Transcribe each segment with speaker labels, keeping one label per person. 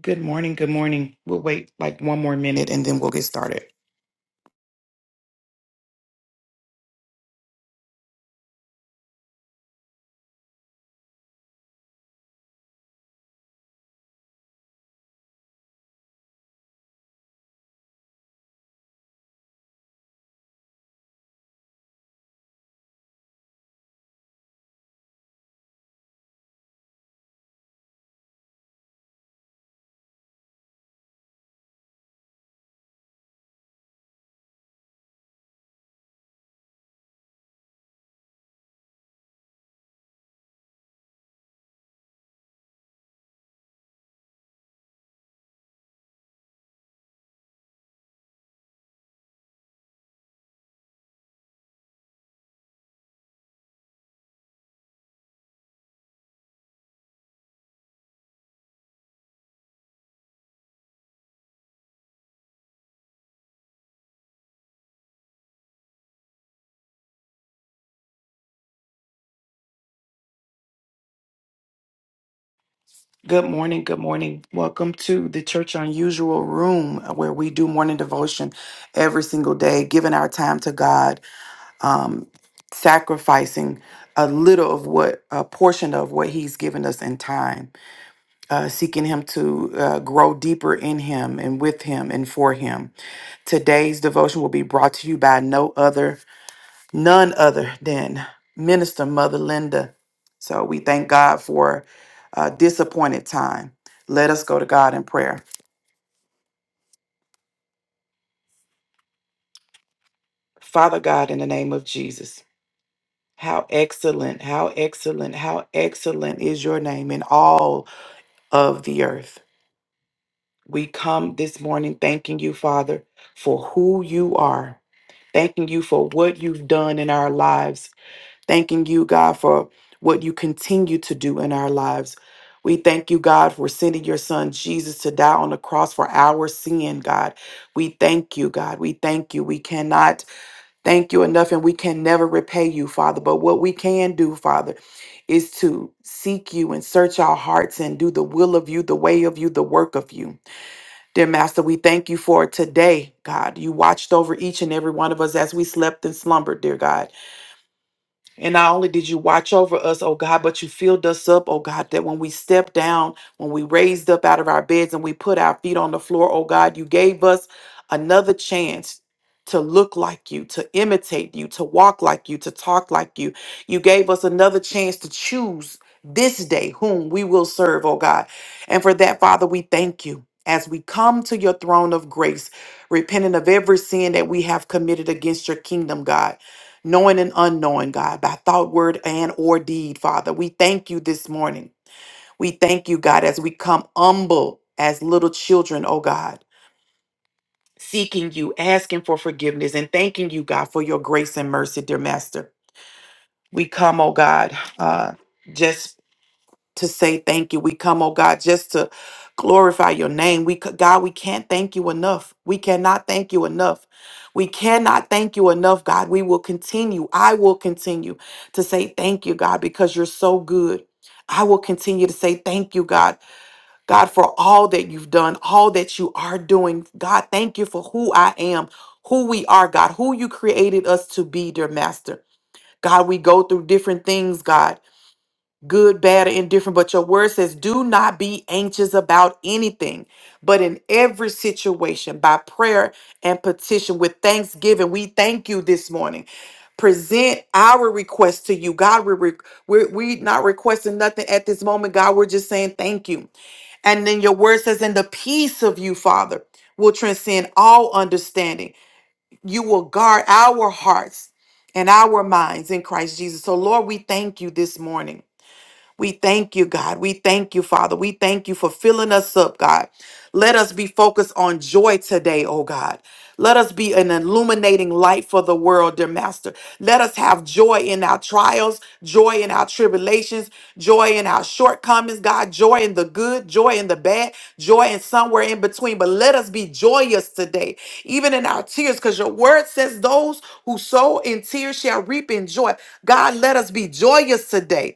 Speaker 1: Good morning. Good morning. We'll wait like one more minute and then we'll get started. Good morning. Good morning. Welcome to the Church Unusual Room uh, where we do morning devotion every single day, giving our time to God, um, sacrificing a little of what, a portion of what He's given us in time, uh, seeking Him to uh, grow deeper in Him and with Him and for Him. Today's devotion will be brought to you by no other. none other than Minister Mother Linda. So we thank God for a disappointed time. Let us go to God in prayer. Father God, in the name of Jesus, how excellent, how excellent, how excellent is your name in all of the earth. We come this morning thanking you, Father, for who you are, thanking you for what you've done in our lives thanking you, God, for what you continue to do in our lives. We thank you, God, for sending your son Jesus to die on the cross for our sin, God. We thank you, God. We thank you. We cannot thank you enough and we can never repay you, Father. But what we can do, Father, is to seek you and search our hearts and do the will of you, the way of you, the work of you. Dear Master, we thank you for today, God. You watched over each and every one of us as we slept and slumbered, dear God. And not only did you watch over us, oh God, but you filled us up, oh God, that when we stepped down, when we raised up out of our beds and we put our feet on the floor, oh God, you gave us another chance to look like you, to imitate you, to walk like you, to talk like you. You gave us another chance to choose this day whom we will serve, oh God. And for that, Father, we thank you. As we come to your throne of grace, repenting of every sin that we have committed against your kingdom, God knowing and unknowing, God, by thought, word, and or deed, Father. We thank you this morning. We thank you, God, as we come humble as little children, oh God, seeking you, asking for forgiveness, and thanking you, God, for your grace and mercy, dear Master. We come, oh God, uh, just to say thank you. We come, oh God, just to glorify your name. We c- God, we can't thank you enough. We cannot thank you enough. We cannot thank you enough, God. We will continue. I will continue to say thank you, God, because you're so good. I will continue to say thank you, God. God, for all that you've done, all that you are doing. God, thank you for who I am, who we are, God, who you created us to be, dear Master. God, we go through different things, God good, bad, or indifferent. But your word says, do not be anxious about anything, but in every situation, by prayer and petition with thanksgiving, we thank you this morning. Present our request to you, God. We're, re- we're, we not requesting nothing at this moment, God. We're just saying thank you. And then your word says, in the peace of you, Father, will transcend all understanding. You will guard our hearts and our minds in Christ Jesus. So, Lord, we thank you this morning. We thank you, God. We thank you, Father. We thank you for filling us up, God. Let us be focused on joy today, oh God. Let us be an illuminating light for the world, dear Master. Let us have joy in our trials, joy in our tribulations, joy in our shortcomings, God, joy in the good, joy in the bad, joy in somewhere in between. But let us be joyous today, even in our tears, because your word says, Those who sow in tears shall reap in joy. God, let us be joyous today.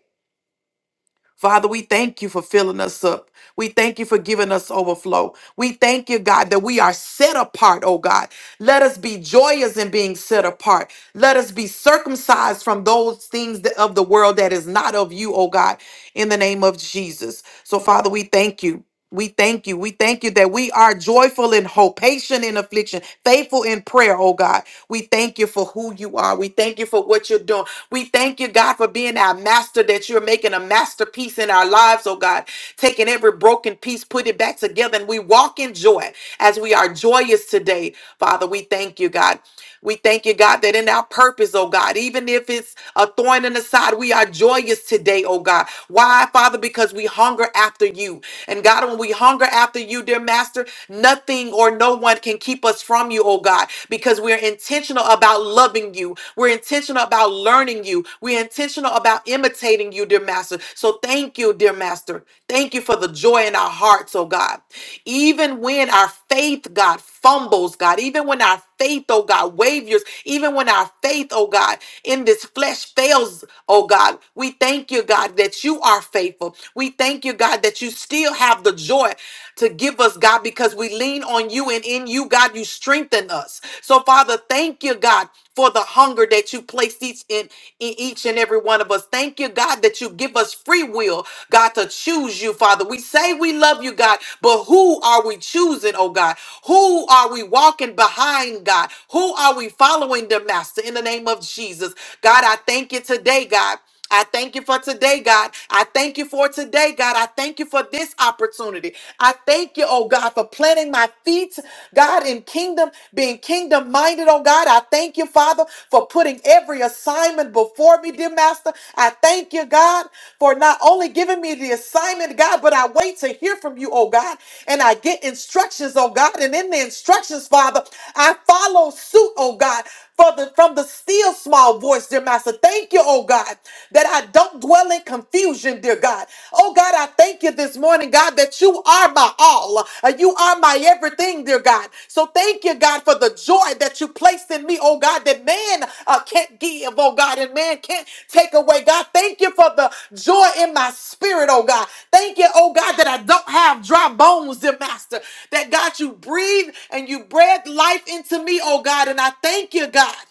Speaker 1: Father, we thank you for filling us up. We thank you for giving us overflow. We thank you, God, that we are set apart, oh God. Let us be joyous in being set apart. Let us be circumcised from those things that- of the world that is not of you, oh God, in the name of Jesus. So, Father, we thank you. We thank you. We thank you that we are joyful in hope, patient in affliction, faithful in prayer, oh God. We thank you for who you are. We thank you for what you're doing. We thank you, God, for being our master, that you're making a masterpiece in our lives, oh God. Taking every broken piece, put it back together, and we walk in joy as we are joyous today. Father, we thank you, God. We thank you, God, that in our purpose, oh God, even if it's a thorn in the side, we are joyous today, oh God. Why, Father? Because we hunger after you. And God, when we hunger after you, dear Master, nothing or no no one can keep us from you, oh God, because we're intentional about loving you. We're intentional about learning you. We're intentional about imitating you, dear Master. So thank you, dear Master. Thank you for the joy in our hearts, oh God. Even when our faith, God, fumbles, God, even when our faith, oh God, wavers, even when our faith, oh God, in this flesh fails, oh God, we thank you, God, that you are faithful. We thank you, God, that you still have the joy joy to give us, God, because we lean on you and in you, God, you strengthen us. So, Father, thank you, God, for the hunger that you placed each in, in each and every one of us. Thank you, God, that you give us free will, God, to choose you, Father. We say we love you, God, but who are we choosing, oh God? Who are we walking behind, God? Who are we following, the Master, in the name of Jesus? God, I thank you today, God. I thank you for today, God. I thank you for today, God. I thank you for this opportunity. I thank you, oh God, for planting my feet, God, in kingdom, being kingdom minded, oh God. I thank you, Father, for putting every assignment before me, dear Master. I thank you, God, for not only giving me the assignment, God, but I wait to hear from you, oh God, and I get instructions, oh God. And in the instructions, Father, I follow suit, oh God for the, from the still small voice, dear Master. Thank you, oh God, that I don't dwell in confusion, dear God. Oh God, I thank you this morning, God, that you are my all. Uh, You are my everything, dear God. So thank you, God, for the joy that you placed in me, oh God. God, that man uh, can't give, oh God, and man can't take away. God, thank you for the joy in my spirit, oh God. Thank you, oh God, that I don't have dry bones, dear Master. That God, you breathe and you breathe life into me, oh God. And I thank you, God.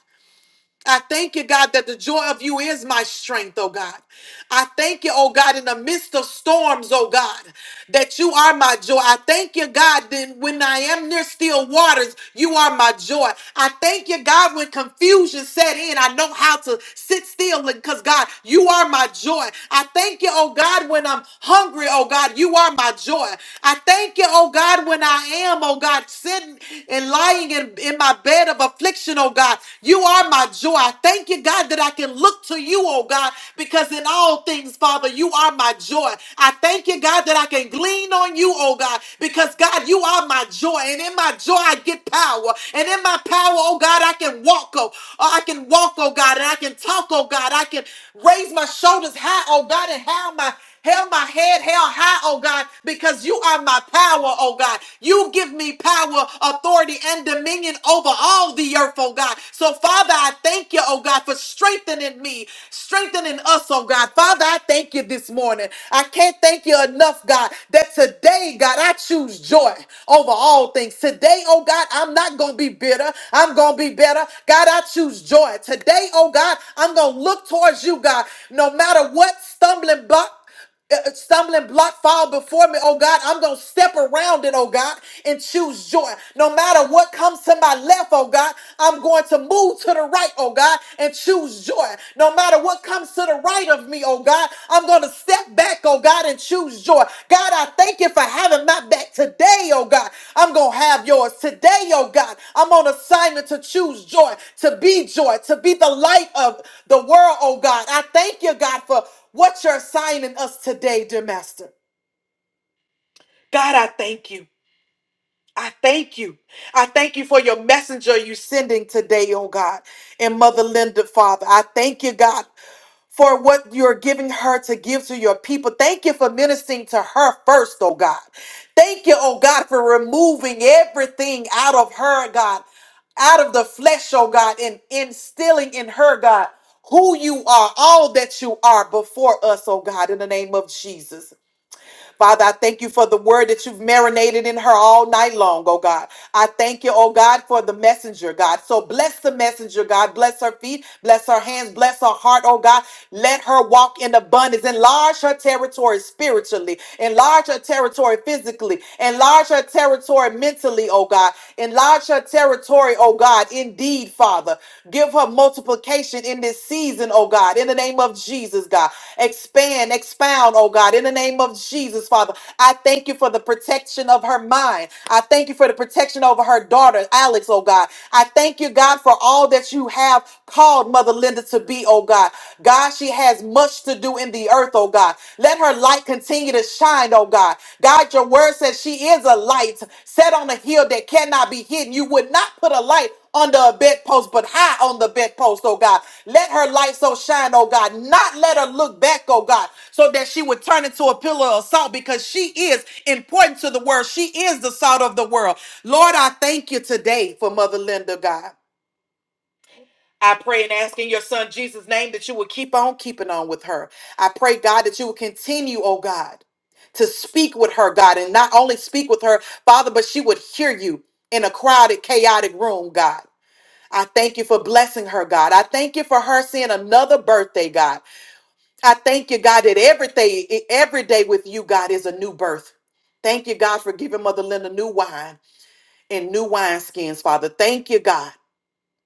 Speaker 1: I thank you, God, that the joy of you is my strength, oh God. I thank you, oh God, in the midst of storms, oh God, that you are my joy. I thank you, God, then when I am near still waters, you are my joy. I thank you, God, when confusion set in, I know how to sit still because, God, you are my joy. I thank you, oh God, when I'm hungry, oh God, you are my joy. I thank you, oh God, when I am, oh God, sitting and lying in, in my bed of of affliction, oh God. You are my joy. I thank you, God, that I can look to you, oh God, because in all things, Father, you are my joy. I thank you, God, that I can glean on you, oh God, because God, you are my joy. And in my joy, I get power. And in my power, oh God, I can walk, oh, oh, I can walk, oh God, and I can talk, oh God. I can raise my shoulders high, oh God, and have my Held my head held high, oh God, because you are my power, oh God. You give me power, authority, and dominion over all the earth, oh God. So, Father, I thank you, oh God, for strengthening me, strengthening us, oh God. Father, I thank you this morning. I can't thank you enough, God, that today, God, I choose joy over all things. Today, oh God, I'm not going to be bitter. I'm going to be better. God, I choose joy. Today, oh God, I'm going to look towards you, God, no matter what stumbling block uh, uh, stumbling block fall before me, oh God. I'm going to step around it, oh God, and choose joy. No matter what comes to my left, oh God, I'm going to move to the right, oh God, and choose joy. No matter what comes to the right of me, oh God, I'm going to step back, oh God and choose joy. God, I thank you for having my back today, oh God. I'm going to have yours today, oh God. I'm on assignment to choose joy, to be joy, to be the light of the world, oh God. I thank you, God, for what you're assigning us today, dear Master. God, I thank you. I thank you. I thank you for your messenger you sending today, oh God, and Mother Linda, Father. I thank you, God, for what you're giving her to give to your people. Thank you for ministering to her first, oh God. Thank you, oh God, for removing everything out of her, God, out of the flesh, oh God, and instilling in her, God, who you are, all that you are before us, oh God, in the name of Jesus. Father, I thank you for the word that you've marinated in her all night long, oh God. I thank you, oh God, for the messenger, God. So bless the messenger, God. Bless her feet, bless her hands, bless her heart, oh God. Let her walk in abundance. Enlarge her territory spiritually, enlarge her territory physically, enlarge her territory mentally, oh God. Enlarge her territory, oh God, indeed, Father. Father. Give her multiplication in this season, oh God, in the name of Jesus, God. Expand, expound, oh God, in the name of Jesus, Father. I thank you for the protection of her mind. I thank you for the protection over her daughter, Alex, oh God. I thank you, God, for all that you have called Mother Linda to be, oh God. God, she has much to do in the earth, oh God. Let her light continue continue to shine, oh God. God, your word says she is a light set on a hill that cannot be hidden. You would not put a light under a bedpost, but high on the bedpost, oh God. Let her light so shine, oh God. Not let her look back, oh God, so that she would turn into a pillar of salt because she is important to the world. She is the salt of the world. Lord, I thank you today for Mother Linda, God. I pray and ask in your son Jesus' name that you will keep on keeping on with her. I pray, God, that you will continue, oh God, to speak with her, God, and not only speak with her, Father, but she would hear you in a crowded, chaotic room, God. I thank you for blessing her, God. I thank you for her seeing another birthday, God. I thank you, God, that every day, every day with you, God, is a new birth. Thank you, God, for giving Mother Linda new wine and new wineskins, Father. Thank you, God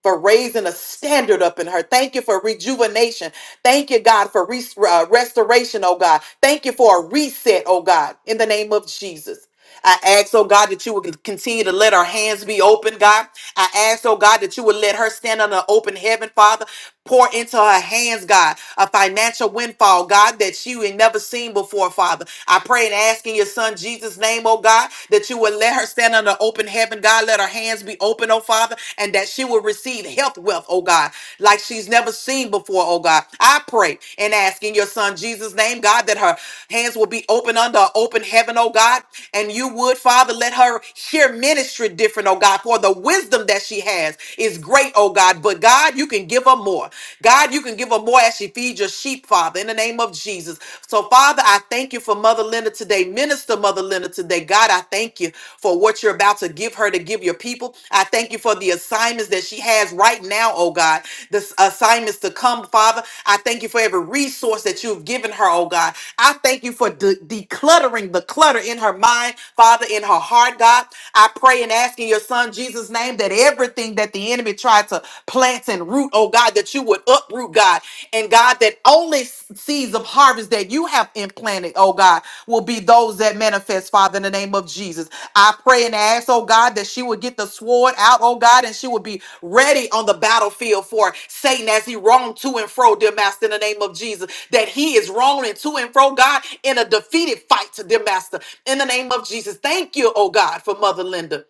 Speaker 1: for raising a standard up in her. Thank you for rejuvenation. Thank you, God, for res- uh, restoration, oh God. Thank you for a reset, oh God, in the name of Jesus. I ask, oh God, that you would continue to let her hands be open, God. I ask, oh God, that you would let her stand under an open heaven, Father. Pour into her hands, God, a financial windfall, God, that she had never seen before, Father. I pray and ask in your son Jesus' name, oh God, that you would let her stand under open heaven, God. Let her hands be open open, oh Father, and that she will receive health wealth, oh God, like she's never seen before, oh God. I pray and ask in your son Jesus' name, God, that her hands will be open under an open heaven, oh God. And you would, Father, let her hear ministry different, oh God, for the wisdom that she has is great, oh God. But God, you can give her more. God, you can give her more as she feeds your sheep, Father, in the name of Jesus. So, Father, I thank you for Mother. Mother Linda today. Minister Mother Linda today. God, I thank you for what you're about to give her to give your people. I thank you for the assignments that she has right now, oh God. The s- assignments to come, Father. I thank you for every resource that you've given her, oh God. I thank you for de- decluttering the clutter in her mind, Father, in her heart, God. I pray and ask in your son Jesus' name that everything that the enemy tried to plant and root, oh God, that you would would uproot, God. And God, that only seeds of harvest that you have implanted, oh God, will be those that manifest, Father, in the name of Jesus. I pray and ask, oh God, that she would get the sword out, oh God, and she would be ready on the battlefield for Satan as he roamed to and fro, dear Master, in the name of Jesus. That he is roaming to and fro, God, in a defeated fight, dear Master, in the name of Jesus. Thank you, oh God, for Mother Linda.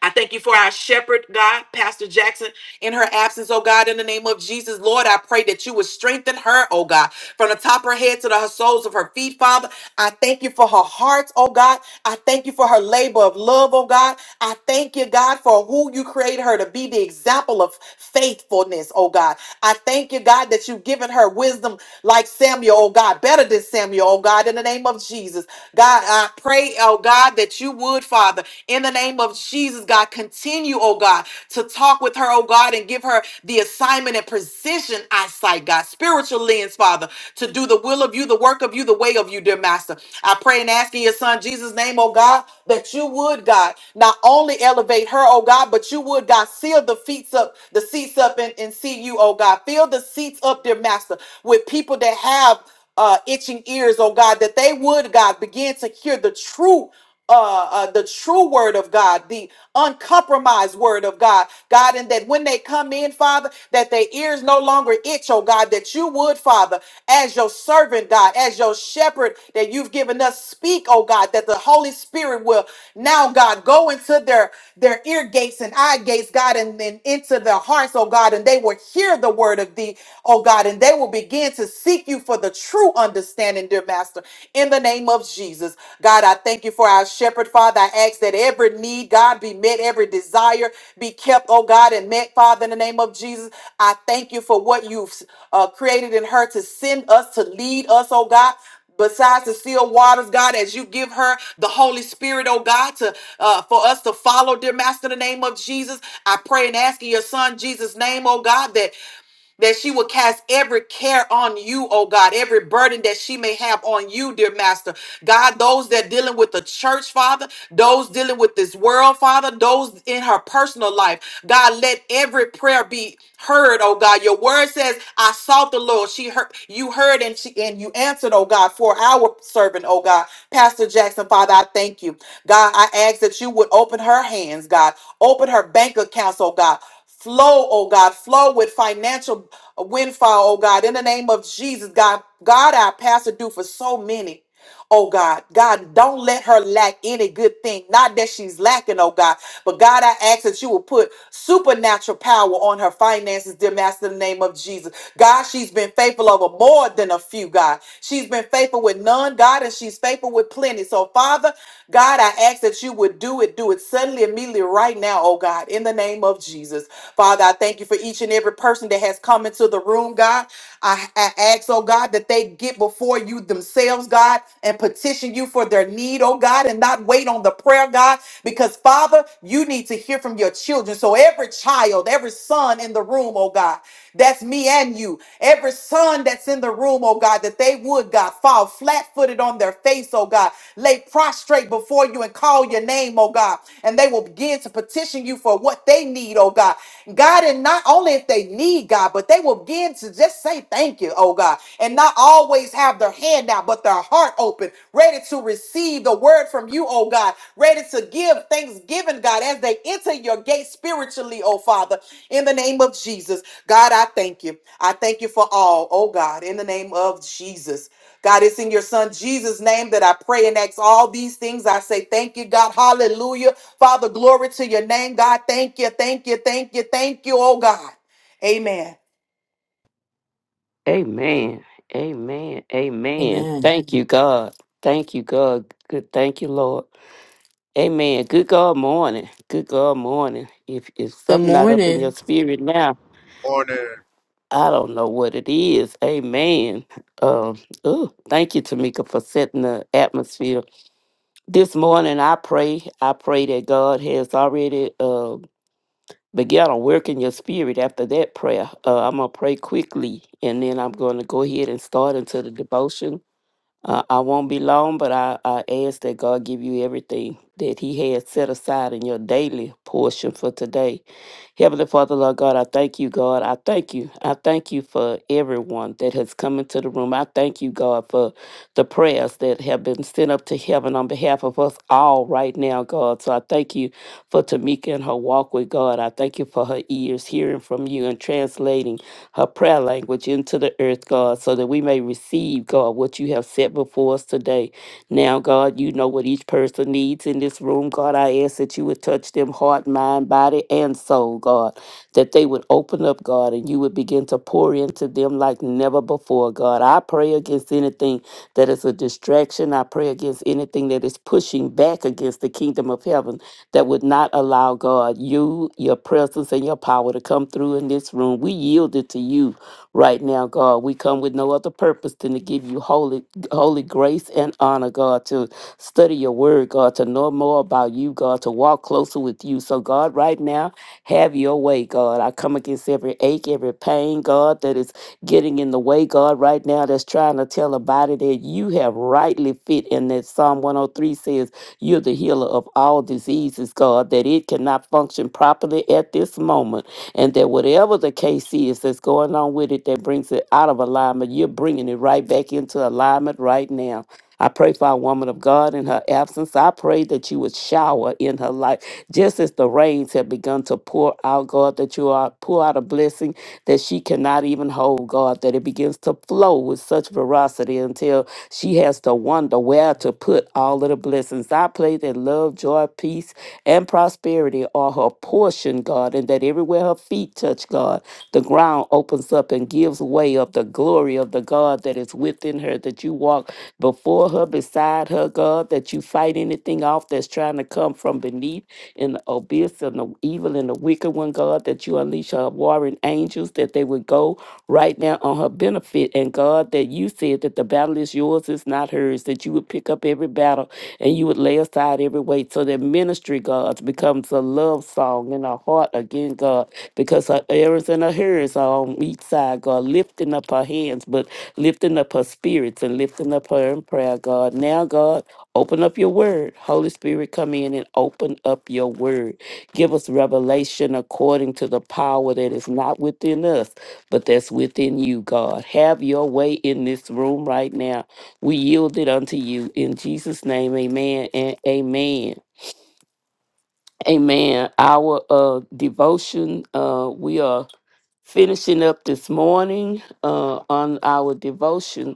Speaker 1: I thank you for our shepherd, God, Pastor Jackson, in her absence, oh God, in the name of Jesus. Lord, I pray that you would strengthen her, oh God, from the top of her head to the her soles of her feet, Father. I thank you for her heart, oh God. I thank you for her labor of love, oh God. I thank you, God, for who you created her to be the example of faithfulness, oh God. I thank you, God, that you've given her wisdom like Samuel, oh God, better than Samuel, oh God, in the name of Jesus. God, I pray, oh God. God, that you would, Father, in the name of Jesus, God, continue, oh God, to talk with her, oh God, and give her the assignment and position eyesight, God, spiritual lens, Father, to do the will of you, the work of you, the way of you, dear Master. I pray and ask in your Son Jesus' name, oh God, that you would, God, not only elevate her, oh God, but you would, God, seal the feet up, the seats up, and, and see you, oh God. Fill the seats up, dear Master, with people that have uh, itching ears, oh God, that they would, God, begin to hear the truth uh, uh, the true word of God, the uncompromised word of God, God, and that when they come in, Father, that their ears no longer itch, oh God, that you would, Father, as your servant, God, as your shepherd that you've given us, speak, oh God, that the Holy Spirit will now, God, go into their their ear gates and eye gates, God, and then into their hearts, oh God, and they will hear the word of thee, oh God, and they will begin to seek you for the true understanding understanding, dear Master. In the name of Jesus, God, I thank you for our shepherd, Father. I ask that every need, God, be met, every desire be kept, oh God, and met, Father, in the name of Jesus. I thank you for what you've uh, created in her to send us, to lead us, oh God besides the still waters, God, as you give her the Holy Spirit, oh God, to uh, for us to follow, dear Master, in the name of Jesus. I pray and ask in your Son Jesus' name, oh God, that that she will cast every care on you, oh God, every burden that she may have on you, dear Master. God, those that dealing with the church, Father, those dealing with this world, Father, those in her personal life, God, let every prayer be heard, oh God. Your word says, I sought the Lord. She heard you heard and she and you answered, oh God, for our servant, oh God. Pastor Jackson, Father, I thank you. God, I ask that you would open her hands, God. Open her bank accounts, oh God. Flow, oh God, flow with financial windfall, oh God, in the name of Jesus, God. God, our pastor, do for so many. Oh God, God, don't let her lack any good thing. Not that she's lacking, oh God, but God, I ask that you will put supernatural power on her finances, dear Master, in the name of Jesus. God, she's been faithful over more than a few, God. She's been faithful with none, God, and she's faithful with plenty. So, Father, God, I ask that you would do it, do it suddenly suddenly, immediately, right now, oh God, in the name of Jesus. Father, I thank you for each and every person that has come into the room, God. I, I ask, oh God, that they get before you themselves, God, and petition you for their need, oh God, and not wait on the prayer, God, because Father, you need to hear from your children. So every child, every son in the room, oh God, that's me and you. Every son that's in the room, oh God, that they would, God, fall flat footed on their face, oh God. lay lay prostrate before you and call your name, oh God. And they will begin to petition you for what they need, oh God. God, and not only if they need God, but they will begin to just say thank you, oh God, and not always have their hand out, but their heart open, ready to receive the word from you, oh God, ready to give thanksgiving, God, as they enter your gate spiritually, oh Father, in the name of Jesus. God, I thank you. I thank you for all, oh God, in the name of Jesus. God, it's in your son Jesus' name that I pray and ask all these things. I say thank you, God. Hallelujah. Father, glory to your name, God. Thank you, thank you, thank you, thank you, oh God. Amen.
Speaker 2: Amen. Amen. Amen.
Speaker 3: Amen.
Speaker 2: Thank you, God. Thank you, God. Good. Thank you, Lord. Amen. Good God morning. Good God morning. If if
Speaker 3: Good
Speaker 2: something not up in your
Speaker 3: morning.
Speaker 2: spirit now,
Speaker 4: Order.
Speaker 2: I don't know what it is. Amen. Um. Ooh, thank you, Tamika, for setting the atmosphere this morning. I pray. I pray that God has already uh begun to work in your spirit after that prayer. Uh, I'm gonna pray quickly, and then I'm gonna go ahead and start into the devotion Uh, I won't be long, but I, I ask that God give you everything that He has set aside in your daily portion for today. Heavenly Father, Lord God, I thank you, God. I thank you. I thank you for everyone that has come into the room. I thank you, God, for the prayers that have been sent up to heaven on behalf of us all right now, God. So I thank you for Tamika and her walk with God. I thank you for her ears hearing from you and translating her prayer language into the earth, God, so that we may receive, God, what you have set before us today. Now, God, you know what each person needs in this room. God, I ask that you would touch them heart, mind, body, and soul, God that they would open up, God, and you would begin to pour into them like never before, God. I pray against anything that is a distraction. I pray against anything that is pushing back against the kingdom of heaven that would not allow, God, you, your presence, and your power to come through in this room. We yield it to you right now, God. We come with no other purpose than to give you holy, holy grace and honor, God, to study your word, God, to know more about you, God, to walk closer with you. So, God, right now, have your way, God. I come against every ache, every pain, God, that is getting in the way, God, right now, that's trying to tell a body that you have rightly fit and that Psalm 103 says you're the healer of all diseases, God, that it cannot function properly at this moment. And that whatever the case is that's going on with it that brings it out of alignment, you're bringing it right back into alignment right now. I pray for our woman of God in her absence. I pray that you would shower in her life. Just as the rains have begun to pour out, God, that you are pour out a blessing that she cannot even hold, God, that it begins to flow with such veracity until she has to wonder where to put all of the blessings. I pray that love, joy, peace, and prosperity are her portion, God, and that everywhere her feet touch touch God, the ground opens up and gives way of the glory of the God that is within her, that you walk before her, beside her, God, that you fight anything off that's trying to come from beneath in the abyss and the evil and the wicked one, God, that you unleash her warring angels, that they would go right now on her benefit. And God, that you said that the battle is yours, it's not hers, that you would pick up every battle battle, and you would lay aside every weight so that ministry, God, becomes a love song in our heart again, God, because her errands and her hearers are on each side, God, lifting up her hands, but lifting up her spirits and lifting up her in prayer, God. Now, God, open up your word. Holy Spirit, come in and open up your word. Give us revelation according to the power that is not within us, but that's within you, God. Have your way in this room right now. We yield it unto you in Jesus' name. Amen and amen. Amen. Our uh, devotion, uh, we are finishing up this morning uh, on our devotion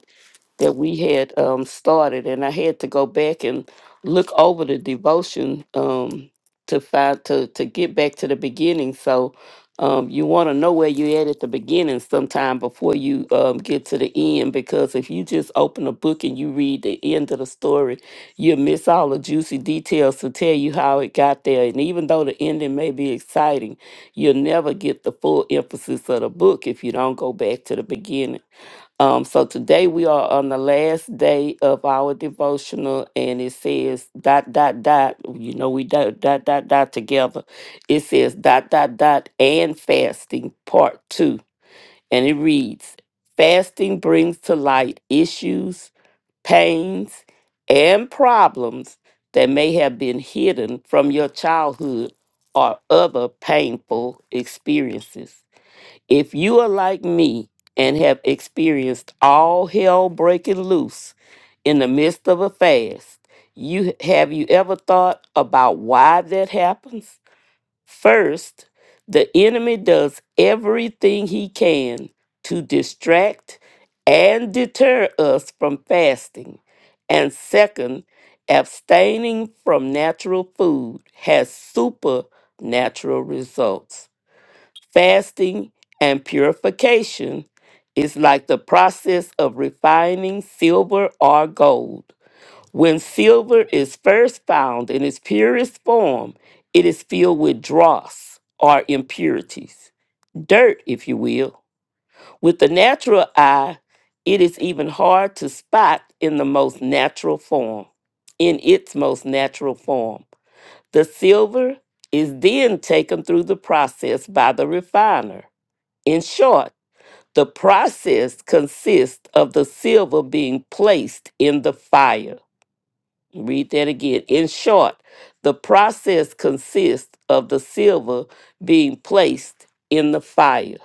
Speaker 2: that we had um, started, and I had to go back and look over the devotion um, to find to to get back to the beginning. So um, you want to know where you at at the beginning sometime before you um, get to the end, because if you just open a book and you read the end of the story, you'll miss all the juicy details to tell you how it got there. And even though the ending may be exciting, you'll never get the full emphasis of the book if you don't go back to the beginning. Um, so today we are on the last day of our devotional, and it says dot dot dot. You know we dot dot dot dot together. It says dot dot dot and fasting part two, and it reads: Fasting brings to light issues, pains, and problems that may have been hidden from your childhood or other painful experiences. If you are like me and have experienced all hell breaking loose in the midst of a fast, you have you ever thought about why that happens? First, the enemy does everything he can to distract and deter us from fasting. And second, abstaining from natural food has supernatural results. Fasting and purification is like the process of refining silver or gold. When silver is first found in its purest form, it is filled with dross or impurities, dirt, if you will. With the natural eye, it is even hard to spot in the most natural form, in its most natural form. The silver is then taken through the process by the refiner in short, the process consists of the silver being placed in the fire. Read that again. In short, the process consists of the silver being placed in the fire.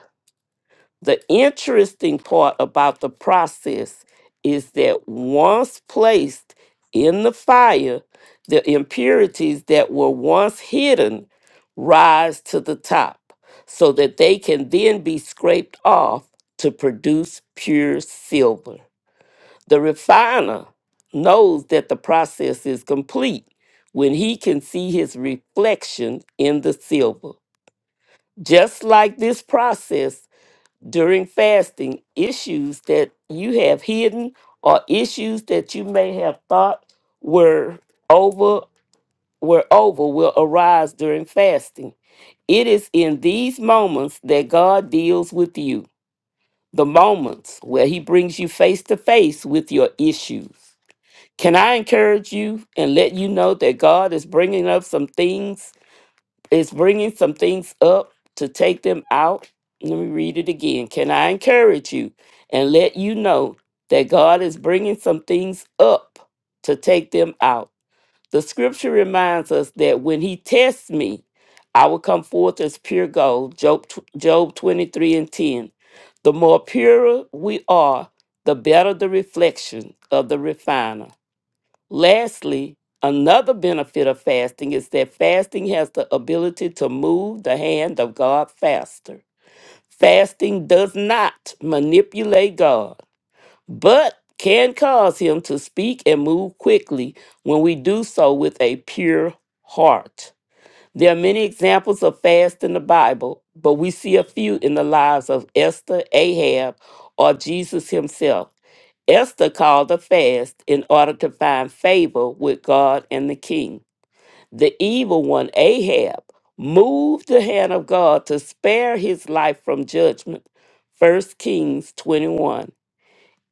Speaker 2: The interesting part about the process is that once placed in the fire, the impurities that were once hidden rise to the top so that they can then be scraped off to produce pure silver. The refiner knows that the process is complete when he can see his reflection in the silver. Just like this process, during fasting issues that you have hidden or issues that you may have thought were over were over will arise during fasting. It is in these moments that God deals with you. The moments where he brings you face to face with your issues. Can I encourage you and let you know that God is bringing up some things it's bringing some things up to take them out. Let me read it again. Can I encourage you and let you know that God is bringing some things up to take them out? The scripture reminds us that when he tests me, I will come forth as pure gold. Job, tw- Job 23 and 10. The more purer we are, the better the reflection of the refiner. Lastly, another benefit of fasting is that fasting has the ability to move the hand of God faster. Fasting does not manipulate God, but can cause him to speak and move quickly when we do so with a pure heart. There are many examples of fast in the Bible, but we see a few in the lives of Esther, Ahab, or Jesus himself. Esther called a fast in order to find favor with God and the king. The evil one, Ahab, moved the hand of God to spare his life from judgment. First Kings 21.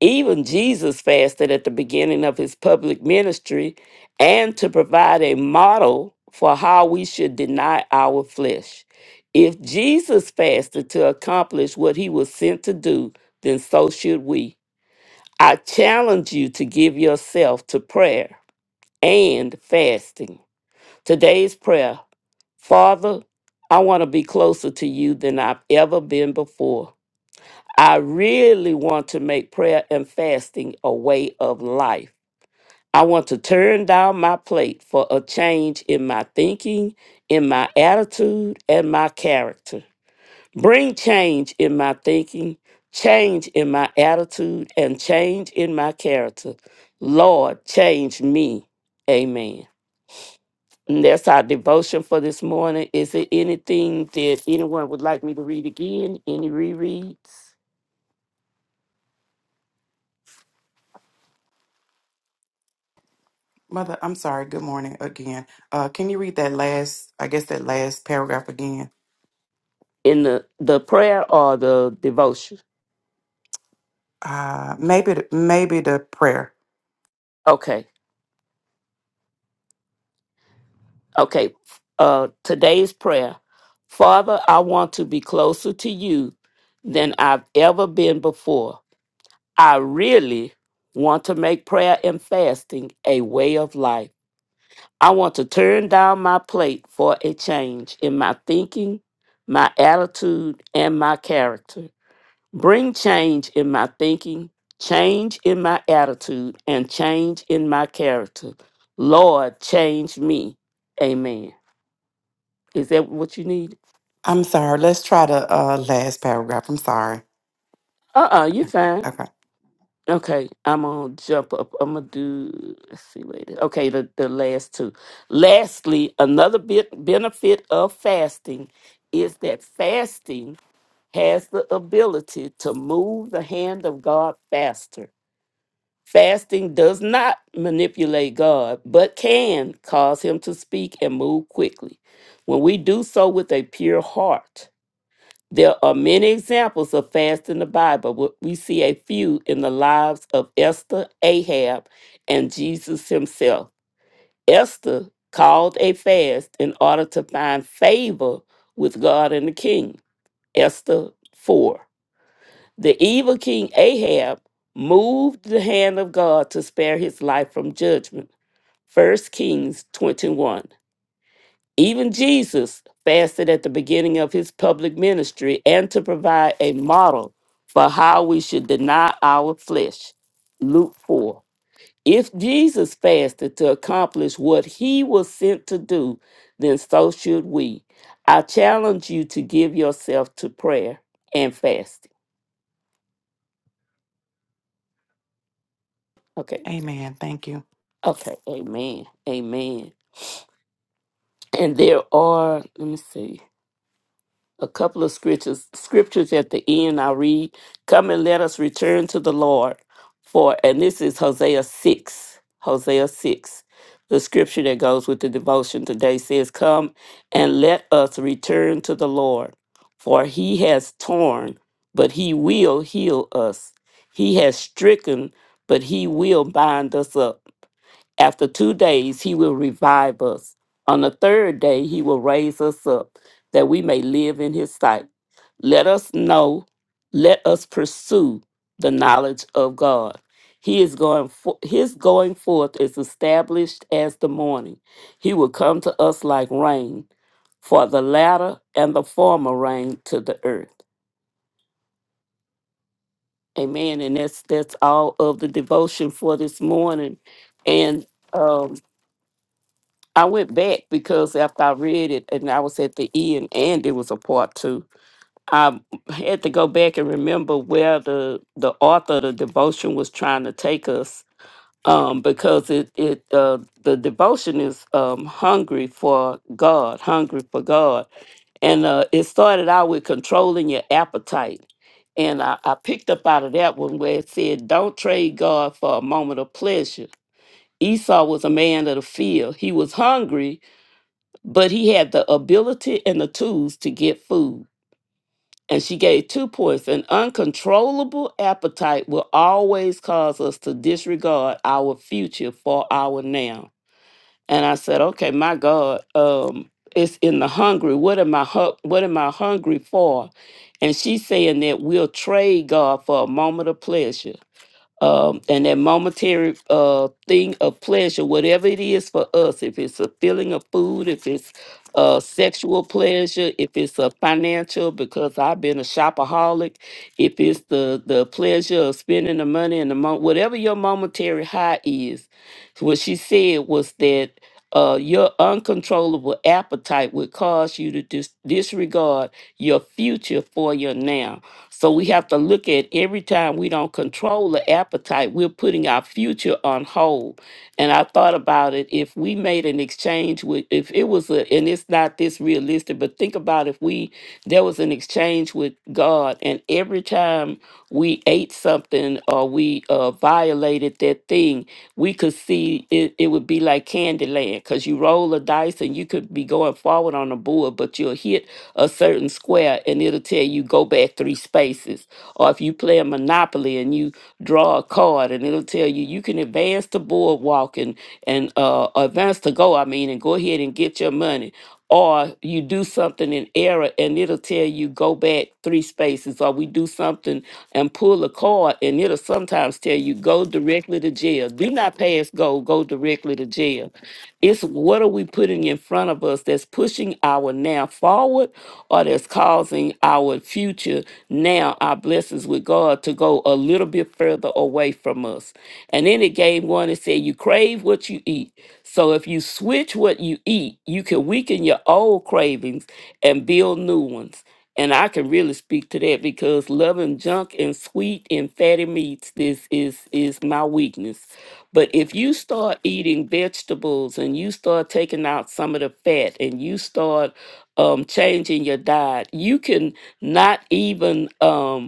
Speaker 2: Even Jesus fasted at the beginning of his public ministry and to provide a model for how we should deny our flesh. If Jesus fasted to accomplish what he was sent to do, then so should we. I challenge you to give yourself to prayer and fasting. Today's prayer Father, I want to be closer to you than I've ever been before. I really want to make prayer and fasting a way of life. I want to turn down my plate for a change in my thinking, in my attitude, and my character. Bring change in my thinking, change in my attitude, and change in my character. Lord, change me. Amen. And that's our devotion for this morning. Is there anything that anyone would like me to read again? Any rereads
Speaker 1: Again.
Speaker 2: in the, the prayer or the devotion?
Speaker 1: Higher.
Speaker 2: Okay. Okay. Uh, today's prayer Father, I want to be closer to you than I've ever been before. I really want to make prayer and fasting a way of life. I want to turn down my plate for a change in my thinking, my attitude, and my character. Bring change in my thinking, change in my attitude, and change in my character. Lord, change me. Amen. Is that what you need?
Speaker 1: I'm sorry. Let's try the uh, last paragraph. I'm sorry.
Speaker 2: Uh uh-uh, uh, you fine.
Speaker 1: Okay.
Speaker 2: Okay, I'm gonna jump up. I'm gonna do. Let's see later. Okay, the the last two. Lastly, another bit benefit of fasting is that fasting has the ability to move the hand of God faster. Fasting does not manipulate God, but can cause Him to speak and move quickly. When we do so with a pure heart there are many examples of fast in the Bible. but We see a few in the lives of Esther, Ahab, and Jesus himself. Esther called a fast in order to find favor with God and the king. Esther 4. The evil king Ahab moved the hand of God to spare his life from judgment. First Kings 21. Even Jesus fasted at the beginning of his public ministry and to provide a model for how we should deny our flesh. Luke 4. If Jesus fasted to accomplish what he was sent to do, then so should we. I challenge you to give yourself to prayer and fasting. Okay.
Speaker 1: Amen. Thank you.
Speaker 2: Okay. Amen. Amen. And there are, let me see. a couple of scriptures scriptures at the end i read come and let us return to the lord for and this is hosea 6 hosea 6 the scripture that goes with the devotion today says come and let us return to the lord for he has torn but he will heal us he has stricken but he will bind us up after two days, he will revive us. On the third day, he will raise us up that we may live in his sight. Let us know, let us pursue the knowledge of God. He is going for, his going forth is established as the morning. He will come to us like rain, for the latter and the former rain to the earth. Amen. And that's that's all of the devotion for this morning. And um. I went back because after I read it and I was at the end and it was a part two, I had to go back and remember where the, the author of the devotion was trying to take us um, because it, it uh, the devotion is um, hungry for God, hungry for God. And uh, it started out with controlling your appetite. And I, I picked up out of that one where it said, Don't trade God for a moment of pleasure. Esau was a man of the field. He was hungry but he had the ability and the tools to get food. And she gave two points. An uncontrollable appetite will always cause us to disregard our future for our now. And I said, okay, my God, um, it's in the hungry. What am I hu- what am I hungry for? And she's saying that we'll trade God for a moment of pleasure um, and that momentary uh, thing of pleasure, whatever it is for us, if it's a feeling of food, if it's uh, sexual pleasure, if it's a financial, because I've been a shopaholic, if it's the, the pleasure of spending the money and the mo- whatever your momentary high is, what she said was that uh, your uncontrollable appetite would cause you to dis- disregard your future for your now so we have to look at every time we don't control the appetite, we're putting our future on hold. And I thought about it if we made an exchange with, if it was a, and it's not this realistic, but think about if we, there was an exchange with God, and every time we ate something or we uh, violated that thing, we could see it, it would be like Candyland because you roll a dice and you could be going forward on the board, but you will hit a certain square and it'll tell you go back three spaces. Or if you play a Monopoly and you draw a card and it'll tell you you can advance to boardwalk and, and uh, advance to go, I mean, and go ahead and get your money. Or you do something in error and it'll tell you go back three spaces. Or we do something and pull a card and it'll sometimes tell you go directly to jail. Do not pass go, go directly way to jail. It's what are we putting in front of us that's pushing our now forward or that's causing our future now, our blessings with God, to go a little bit further away from us. And then it gave one that said, You crave what you eat. So if you switch what you eat, you can weaken your old cravings and build new ones. And I can really speak to that because loving junk and sweet and fatty meats this is is my weakness. But if you start eating vegetables and you start taking out some of the fat and you start um, changing your diet, you can not even. Um,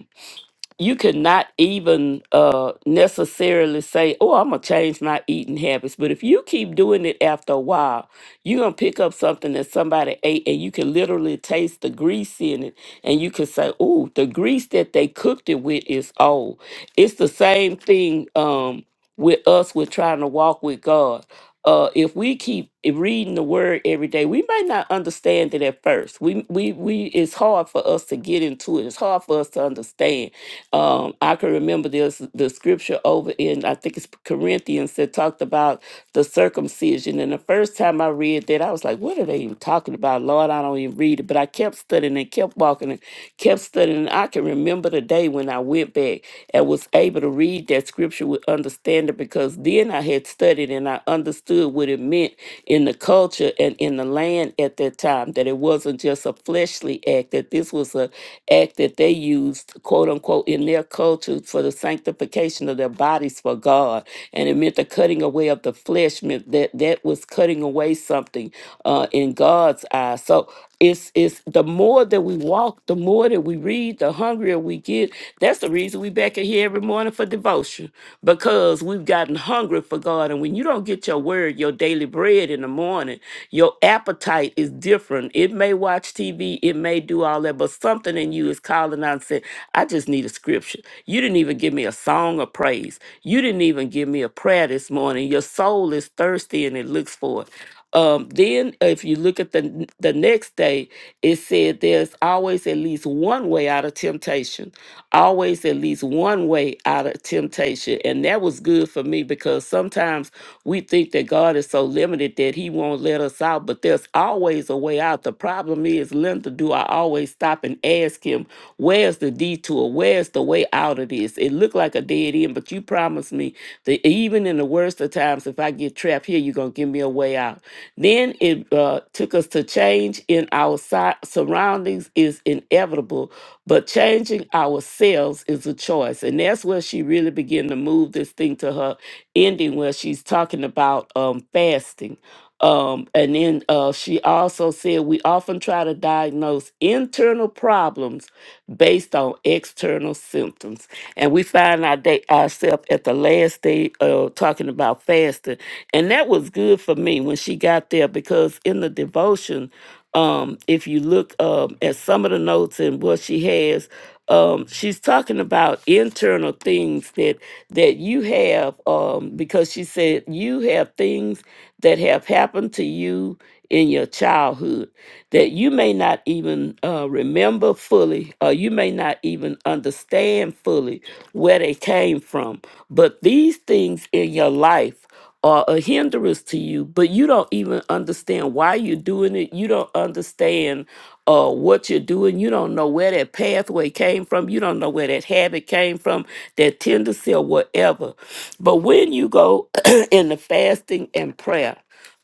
Speaker 2: you could not even uh necessarily say oh i'm gonna change my eating habits but if you keep doing it after a while you're gonna pick up something that somebody ate and you can literally taste the grease in it and you can say oh the grease that they cooked it with is old it's the same thing um with us with trying to walk with god uh, if we keep reading the word every day, we may not understand it at first. We, we, we, it's hard for us to get into it. It's hard for us to understand um, I can remember this the scripture over in I think it's Corinthians that talked about the circumcision. And the first time I read that, I was like, "What are they even talking about, Lord? I don't even read it." But I kept studying and kept walking and kept studying. And I can remember the day when I went back and was able to read that scripture with understanding because then I had studied and I understood what it meant in the culture and in the land at that time that it wasn't just a fleshly act that this was a act that they used quote unquote in their culture for the sanctification of their bodies for god and it meant the cutting away of the flesh meant that that was cutting away something uh, in god's eyes so it's it's the more that we walk, the more that we read, the hungrier we get. That's the reason we back in here every morning for devotion because we've gotten hungry for God. And when you don't get your word, your daily bread in the morning, your appetite is different. It may watch TV, it may do all that, but something in you is calling out and saying, "I just need a scripture." You didn't even give me a song of praise. You didn't even give me a prayer this morning. Your soul is thirsty and it looks for it. Um, then, if you look at the n- the next day, it said there's always at least one way out of temptation. Always at least one way out of temptation, and that was good for me because sometimes we think that God is so limited that He won't let us out, but there's always a way out. The problem is, Linda, do I always stop and ask Him, "Where's the detour? Where's the way out of this?" It looked like a dead end, but you promised me that even in the worst of times, if I get trapped here, you're gonna give me a way out. Then it uh, took us to change in our si- surroundings is inevitable, but changing ourselves is a choice. And that's where she really began to move this thing to her ending, where she's talking about um, fasting. Um, and then uh, she also said, We often try to diagnose internal problems based on external symptoms. And we find our day, ourselves at the last day uh, talking about fasting and that was good for me when she got there because in the devotion, um, if you look um, at some of the notes and what she has, um, she's talking about internal things that that you have um, because she said you have things that have happened to you in your childhood that you may not even uh, remember fully or you may not even understand fully where they came from but these things in your life are a hindrance to you, but you don't even understand why you're doing it. You don't understand uh, what you're doing. You don't know where that pathway came from. You don't know where that habit came from, that tendency or whatever. But when you go in the fasting and prayer.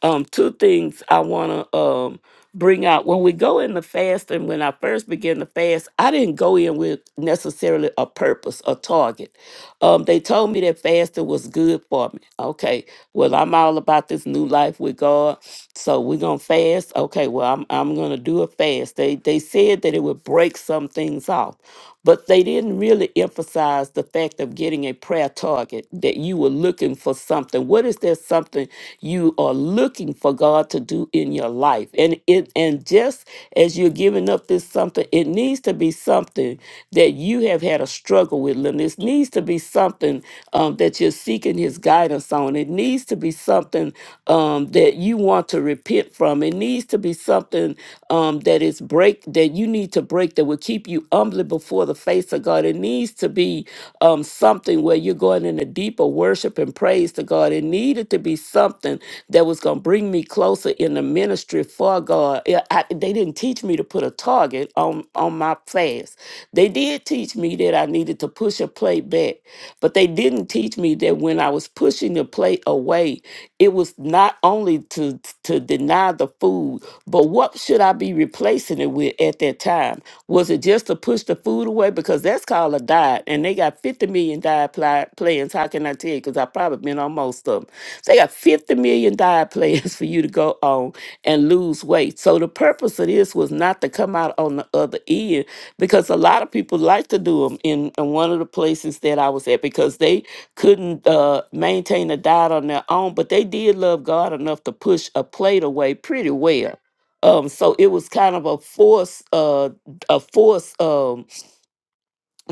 Speaker 2: Um, two things I want to um, bring out. When we go in the fast, and when I first began to fast, I didn't go in with necessarily a purpose, a target. Um, they told me that fasting was good for me. Okay, well, I'm all about this new life with God, so we're gonna fast. Okay, well, I'm I'm gonna do a fast. They they said that it would break some things off. But they didn't really emphasize the fact of getting a prayer target that you were looking for something. What is there something you are looking for God to do in your life? And it and just as you're giving up this something, it needs to be something that you have had a struggle with, Lynn. This needs to be something um, that you're seeking His guidance on. It needs to be something um, that you want to repent from. It needs to be something um, that is break that you need to break that will keep you humbly before the face of God. It needs to be um, something where you're going in a deeper worship and praise to God. It needed to be something that was going to bring me closer in the ministry for God. Yeah, I, they didn't teach me to put a target on on my fast. They did teach me that I needed to push a plate back, but they didn't teach me that when I was pushing the plate away, it was not only to to deny the food, but what should I be replacing it with at that time? Was it just to push the food away because that's called a diet, and they got fifty million diet pli- plans. How can I tell you? Because I've probably been on most of them. They got fifty million diet plans for you to go on and lose weight. So the purpose of this was not to come out on the other end because a lot of people like to do them in, in one of the places that I was at because they couldn't uh, maintain a diet on their own, but they did love God enough to push a plate away pretty well. Um, so it was kind of a force, uh, a force um,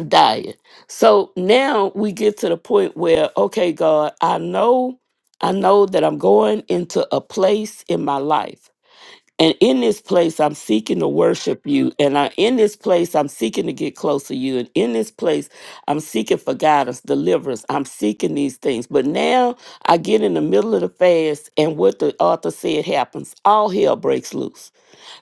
Speaker 2: diet. So now we get to the point where, okay, God, I know, I know that I'm going into a place in my life and in this place, I'm seeking to worship you. And I, in this place, I'm seeking to get closer to you. And in this place, I'm seeking for guidance, deliverance. I'm seeking these things. But now I get in the middle of the fast, and what the author said happens. All hell breaks loose.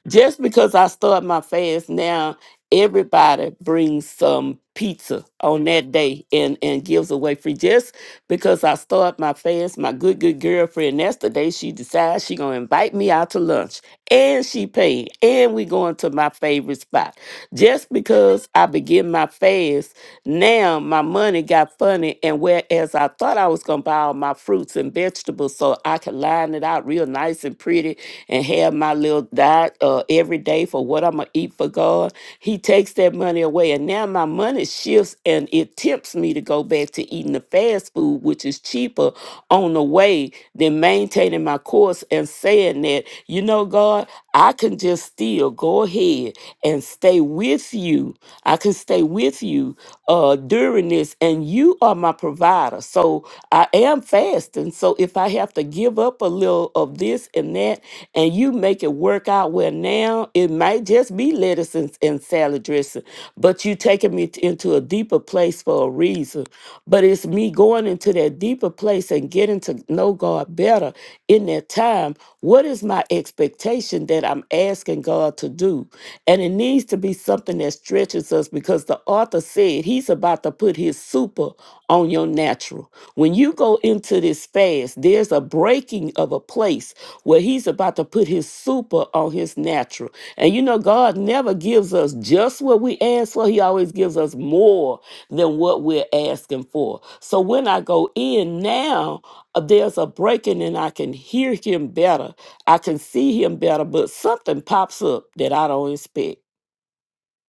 Speaker 2: Just because I start my fast now, everybody brings some pizza on that day and, and gives away free. Just because I start my fast, my good, good girlfriend, that's the day she decides she going to invite me out to lunch and she paid and we going to my favorite spot just because i begin my fast now my money got funny and whereas i thought i was going to buy all my fruits and vegetables so i could line it out real nice and pretty and have my little diet uh, every day for what i'm going to eat for god he takes that money away and now my money shifts and it tempts me to go back to eating the fast food which is cheaper on the way than maintaining my course and saying that, you know, God, I can just still go ahead and stay with you. I can stay with you uh, during this, and you are my provider. So I am fasting. So if I have to give up a little of this and that, and you make it work out well now, it might just be lettuce and, and salad dressing, but you taking me t- into a deeper place for a reason. But it's me going into that deeper place and getting to know God better better in their time. What is my expectation that I'm asking God to do? And it needs to be something that stretches us because the author said he's about to put his super on your natural. When you go into this fast, there's a breaking of a place where he's about to put his super on his natural. And you know, God never gives us just what we ask for, he always gives us more than what we're asking for. So when I go in now, uh, there's a breaking and I can hear him better. I can see him better, but something pops up that I don't expect.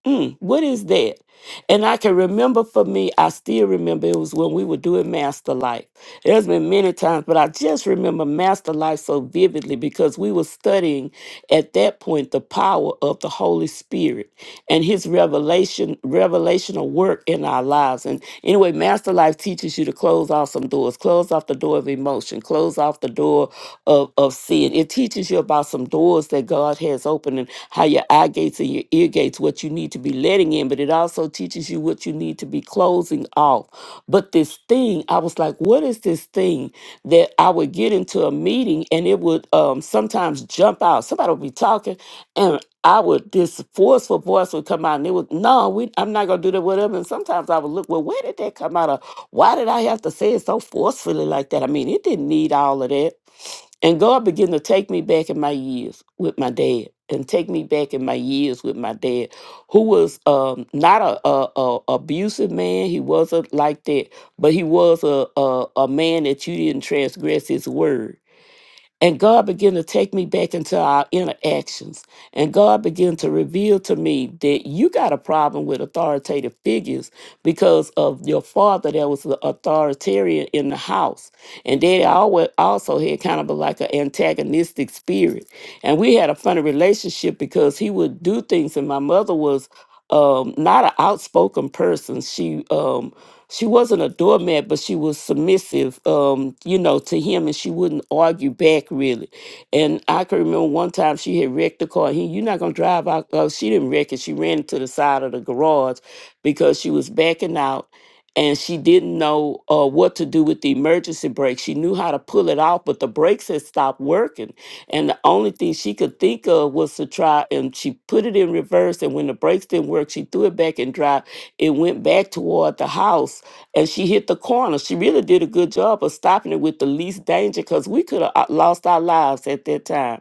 Speaker 2: Mm, what is that? And I can remember for me, I still remember it was when we were doing Master Life. There's been many times, but I just remember Master Life so vividly because we were studying at that point the power of the Holy Spirit and his revelation revelational work in our lives and anyway master life teaches you to close off some doors close off the door of emotion close off the door of, of sin it teaches you about some doors that god has opened and how your eye gates and your ear gates what you need to be letting in but it also teaches you you what you need to be closing off. But this thing, I was like, what is this thing that I would get into a meeting and it would um, sometimes jump out? Somebody would be talking and I would, this forceful voice would come out and it would, no, we, I'm not going to do that, whatever. And sometimes I would look, well, where did that come out of? Why did I have to say it so forcefully like that? I mean, it didn't need all of that. And God began to take me back in my years with my dad and take me back in my years with my dad who was um, not a, a, a abusive man. He wasn't like that, but he was a, a a man that you didn't transgress his word. And God began to take me back into our interactions. And God began to reveal to me that you got a problem with authoritative figures because of your father that was the authoritarian in the house. And daddy always also had kind of a, like an antagonistic spirit. And we had a funny relationship because he would do things and my mother was um, not an outspoken person. She um, she wasn't a doormat, but she was submissive, um, you know, to him, and she wouldn't argue back really. And I can remember one time she had wrecked the car. He, you're not gonna drive out. Uh, she didn't wreck it. She ran into the side of the garage because she was backing out, and she didn't know uh, what to do with the emergency brake. She knew how to pull it off, but the brakes had stopped working, and the only thing she could think of was to try. And she put it in reverse, and when the brakes didn't work, she threw it back and drive it went back toward the house and she hit the corner. She really did a good job of stopping it with the least danger because we could have lost our lives at that time.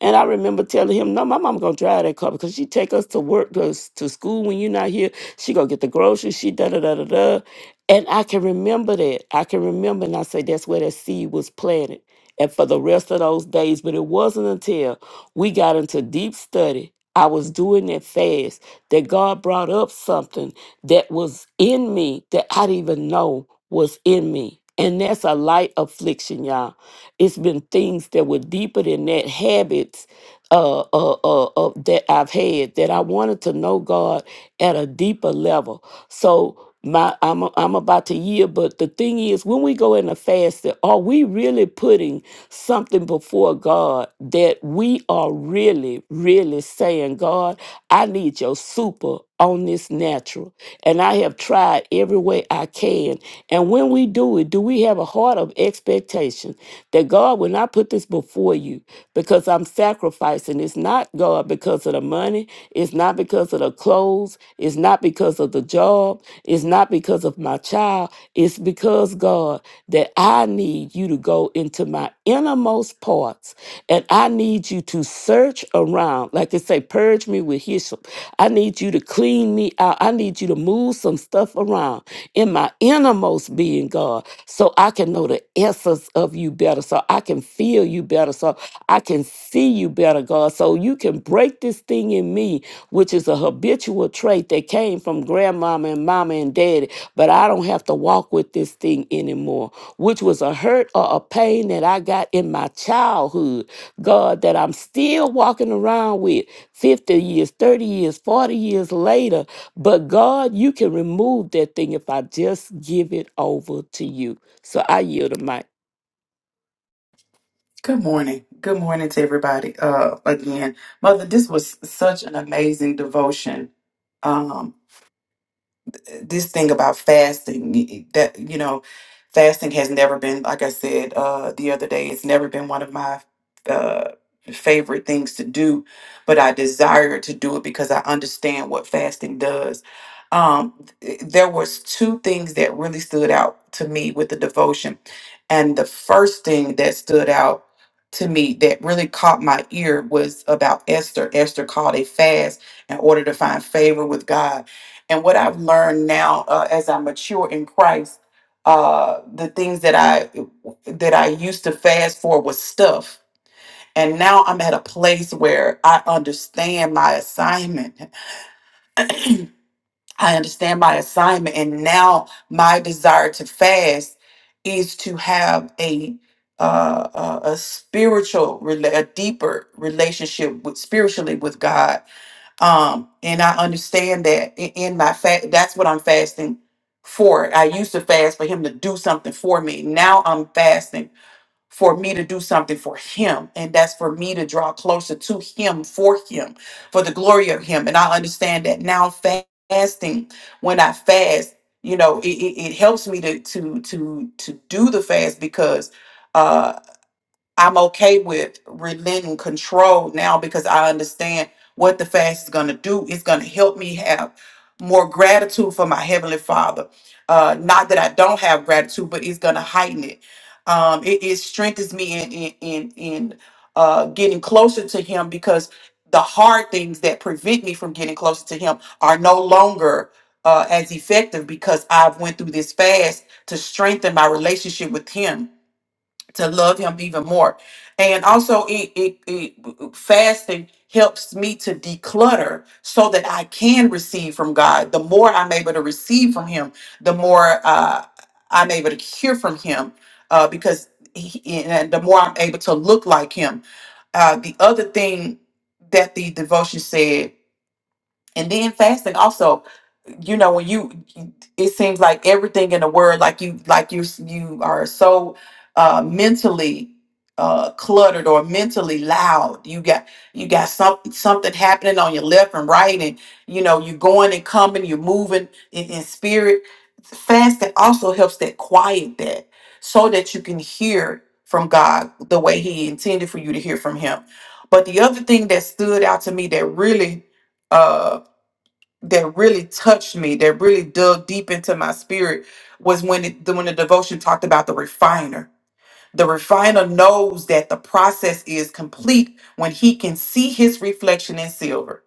Speaker 2: And I remember telling him, no, my mom gonna drive that car because she take us to work, us to school when you're not here. She gonna get the groceries, she da da da da da. And I can remember that. I can remember, and I say that's where that seed was planted. And for the rest of those days, but it wasn't until we got into deep study, I was doing that fast, that God brought up something that was in me that I didn't even know was in me. And that's a light affliction, y'all. It's been things that were deeper than that, habits uh, uh, uh, uh, that I've had that I wanted to know God at a deeper level. So my I'm I'm about to yield, but the thing is, when we go in a fast, are we really putting something before God that we are really, really saying, God, I need your super on this natural. And I have tried every way I can. And when we do it, do we have a heart of expectation that God will not put this before you because I'm sacrificing? It's not God because of the money, it's not because of the clothes, it's not because of the job, it's not because of my child. It's because, God, that I need you to go into my innermost parts and I need you to search around. Like like they say, purge me with hyssop. I need you to clean me out. I need you to move some stuff around in my innermost being, God, so I can know the essence of you better, so I can feel you better, so I can see you better, God, so you can break this thing in me, which is a habitual trait that came from grandmama and mama and daddy, but I don't have to walk with this thing anymore, which was a hurt or a pain that I got in my childhood God, that I'm still walking around with 50 years, 30 years, 40 years later. But God, you can remove that thing if I just give it over to you. So I yield the mic.
Speaker 1: Good morning. Good morning to everybody. Uh, again, Mother, this was such an amazing devotion. this thing about fasting y- y- that you know fasting has never been like i said uh the other day it's never been one of my uh favorite things to do but i desire to do it because i understand what fasting does um th- there was two things that really stood out to me with the devotion and the first thing that stood out to me that really caught my ear was about esther esther called a fast in order to find favor with god and what I've learned now uh, as I mature in Christ, uh, the things that I that I used to fast for was stuff. And now I'm at a place where I understand my assignment. I understand my assignment. And now my desire to fast is to have a uh, a a spiritual, rela- a deeper relationship with spiritually with God um, and I understand that i- in my fast, that's what I'm fasting for. I used to fast for him to do something for me. Now I'm fasting for me to do something for him. And that's for me to draw closer to him, for him, for the glory of him. And I understand that now fasting, when I fast, you know, it, it, it helps me to, to, to, to do the fast because, uh, I'm okay with relenting control now because I understand what the fast is going to do. It's going to help me have more gratitude for my Heavenly Father. Uh, not that I don't have gratitude, but it's going to heighten it. Um, it, it strengthens me in, in, in, in uh, getting closer to Him because the hard things that prevent me from getting closer to Him are no longer uh, as effective because I've went through this fast to strengthen my relationship with Him to love him even more and also it, it, it fasting helps me to declutter so that i can receive from god the more i'm able to receive from him the more uh, i'm able to hear from him uh, because he, and the more i'm able to look like him uh, the other thing that the devotion said and then fasting also you know when you it seems like everything in the world like you like you you are so uh mentally uh cluttered or mentally loud you got you got something something happening on your left and right and you know you're going and coming you're moving in, in spirit fasting also helps that quiet that so that you can hear from god the way he intended for you to hear from him but the other thing that stood out to me that really uh, that really touched me, that really dug deep into my spirit, was when it, the, when the devotion talked about the refiner. The refiner knows that the process is complete when he can see his reflection in silver.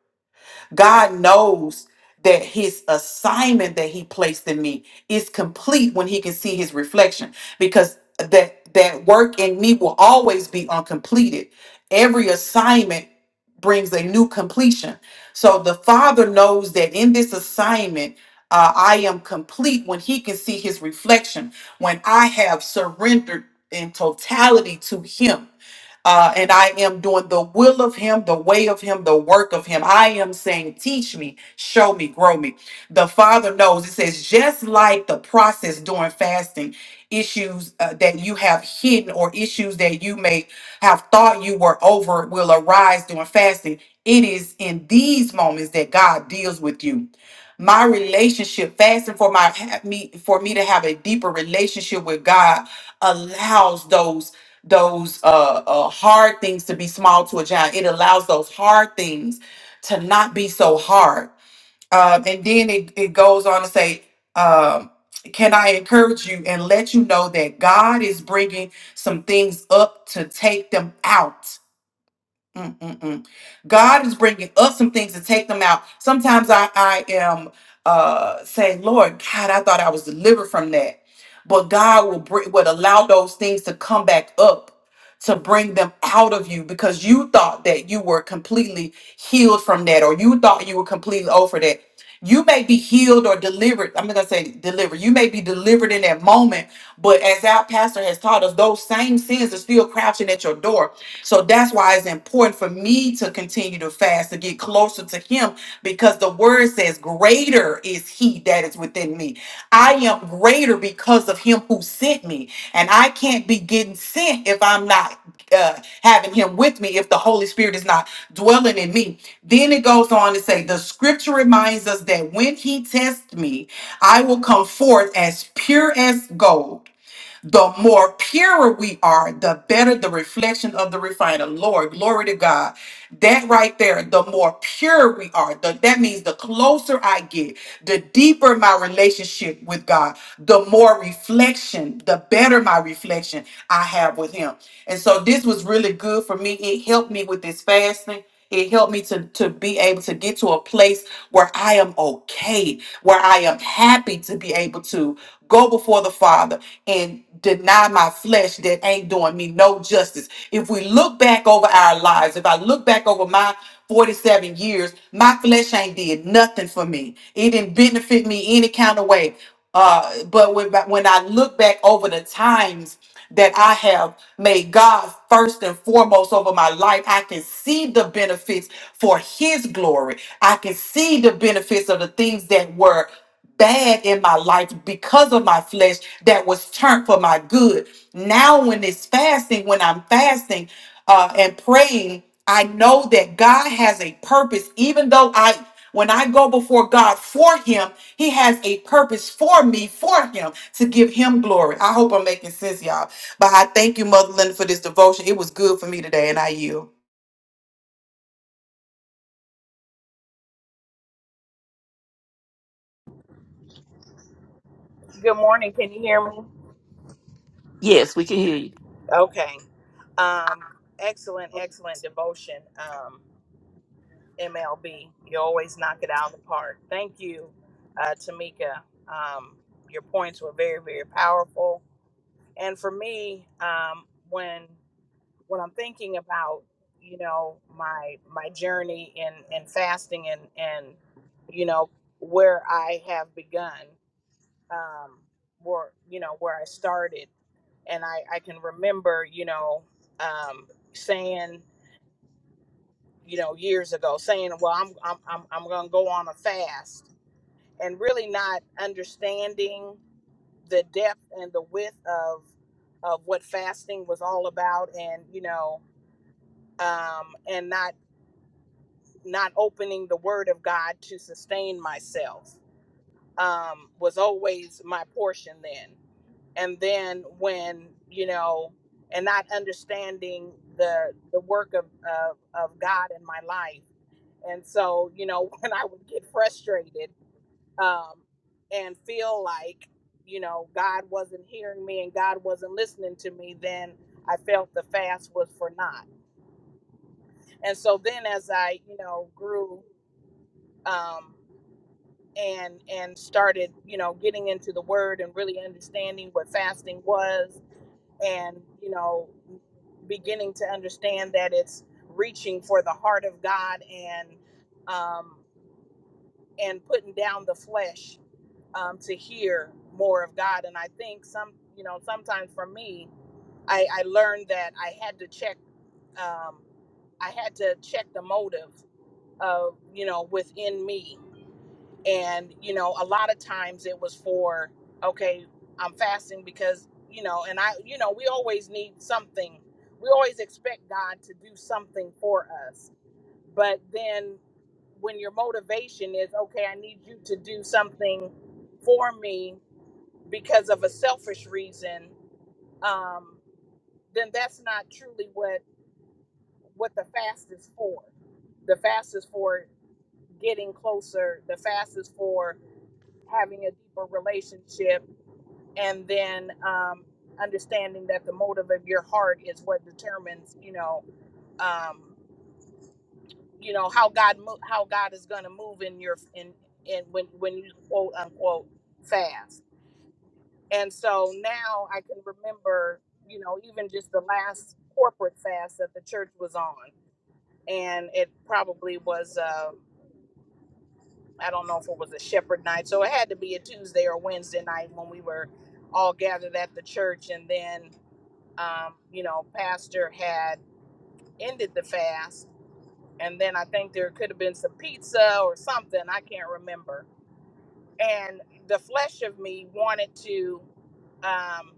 Speaker 1: God knows that his assignment that he placed in me is complete when he can see his reflection because that that work in me will always be uncompleted. Every assignment brings a new completion. So the Father knows that in this assignment, uh, I am complete when He can see His reflection, when I have surrendered in totality to Him. Uh, and I am doing the will of Him, the way of Him, the work of Him. I am saying, teach me, show me, grow me. The Father knows. It says, just like the process during fasting, issues uh, that you have hidden or issues that you may have thought you were over will arise during fasting. It is in these moments that God deals with you my relationship fasting for my ha- me for me to have a deeper relationship with god allows those those uh, uh hard things to be small to a giant. It allows those hard things to not be so hard. Um, and then it, it goes on to say, um, can I encourage you and let you know that God is bringing some things up to take them out? Mm-mm-mm. God is bringing up some things to take them out. Sometimes I, I am uh, saying, Lord, God, I thought I was delivered from that. But God will bring, would allow those things to come back up to bring them out of you because you thought that you were completely healed from that or you thought you were completely over that. You may be healed or delivered. I'm not going to say delivered. You may be delivered in that moment, but as our pastor has taught us, those same sins are still crouching at your door. So that's why it's important for me to continue to fast to get closer to Him because the word says, Greater is He that is within me. I am greater because of Him who sent me. And I can't be getting sent if I'm not uh, having Him with me, if the Holy Spirit is not dwelling in me. Then it goes on to say, The scripture reminds us that when He tests me, I will come forth as pure as gold the more pure we are, the better the reflection of the refiner. Lord, glory to God. That right there, the more pure we are, the, that means the closer I get, the deeper my relationship with God, the more reflection, the better my reflection I have with Him. And so this was really good for me. It helped me with this fasting. It helped me to, to be able to get to a place where I am okay, where I am happy to be able to go before the Father and deny my flesh that ain't doing me no justice. If we look back over our lives, if I look back over my 47 years, my flesh ain't did nothing for me. It didn't benefit me any kind of way. Uh, but when, when I look back over the times that I have made God first and foremost over my life, I can see the benefits for His glory. I can see the benefits of the things that were bad in my life because of my flesh that was turned for my good. Now, when it's fasting, when I'm fasting uh, and praying, I know that God has a purpose, even though I when I go before God for him, he has a purpose for me, for him, to give him glory. I hope I'm making sense, y'all. But I thank you, Mother Linda, for this devotion. It was good for me today, and I yield.
Speaker 5: Good morning. Can you hear me?
Speaker 2: Yes, we can hear you.
Speaker 5: Okay. Um, excellent, excellent devotion, um, MLB. You always knock it out of the park. Thank you, uh, Tamika. Um, your points were very, very powerful. And for me, um, when when I'm thinking about, you know, my my journey in, in fasting and and you know where I have begun, um, where you know where I started. and I, I can remember, you know, um, saying, you know, years ago, saying, well, I'm, I'm, I'm, I'm going to go on a fast and really not understanding the depth and the width of, of what fasting was all about. And, you know, um, and not, not opening the word of God to sustain myself, um, was always my portion then. and then when you know and not understanding the the work of of, of god in my life and so you know when i would get frustrated um and feel like you know god wasn't hearing me and god wasn't listening to me then i felt the fast was for naught and so then as i you know grew um and and started you know getting into the word and really understanding what fasting was and you know beginning to understand that it's reaching for the heart of god and um and putting down the flesh um to hear more of god and i think some you know sometimes for me i i learned that i had to check um i had to check the motive of you know within me and you know a lot of times it was for okay i'm fasting because you know and i you know we always need something we always expect god to do something for us but then when your motivation is okay i need you to do something for me because of a selfish reason um then that's not truly what what the fast is for the fast is for getting closer the fast is for having a deeper relationship and then um, understanding that the motive of your heart is what determines you know um, you know how god mo- how god is going to move in your in in when when you quote unquote fast and so now i can remember you know even just the last corporate fast that the church was on and it probably was uh, I don't know if it was a shepherd night. So it had to be a Tuesday or Wednesday night when we were all gathered at the church. And then, um, you know, pastor had ended the fast. And then I think there could have been some pizza or something. I can't remember. And the flesh of me wanted to, um,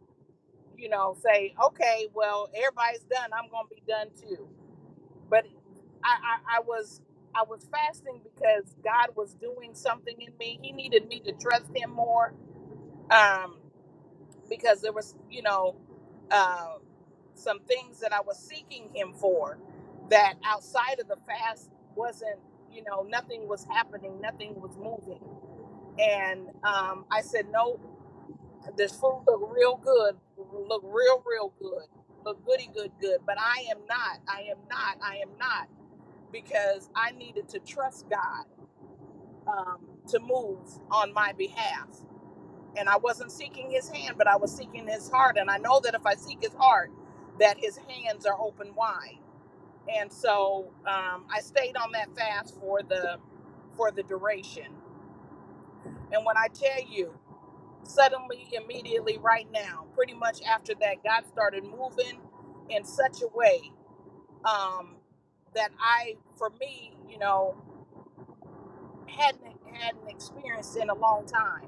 Speaker 5: you know, say, okay, well, everybody's done. I'm going to be done too but I, I I was I was fasting because God was doing something in me. He needed me to trust Him more um, because there was you know uh, some things that I was seeking Him for that outside of the fast wasn't you know nothing was happening, nothing was moving, and um, I said no. This food look real good, look real real good, look goody good good, but I am not. I am not. I am not because I needed to trust God um, to move on my behalf. And I wasn't seeking his hand, but I was seeking his heart. And I know that if I seek his heart, that his hands are open wide. And so um, I stayed on that fast for the for the duration. And when I tell you, suddenly, immediately, right now, pretty much after that, God started moving in such a way um, that I, for me, you know, hadn't had an experience in a long time.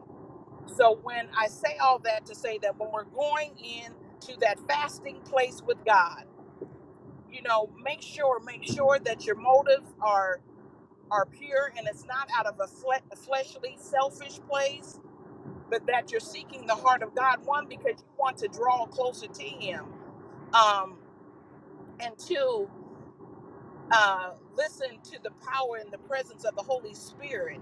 Speaker 5: So when I say all that to say that when we're going in to that fasting place with God, you know, make sure make sure that your motives are are pure and it's not out of a, fle- a fleshly selfish place, but that you're seeking the heart of God one because you want to draw closer to him. Um and two, uh listen to the power and the presence of the Holy Spirit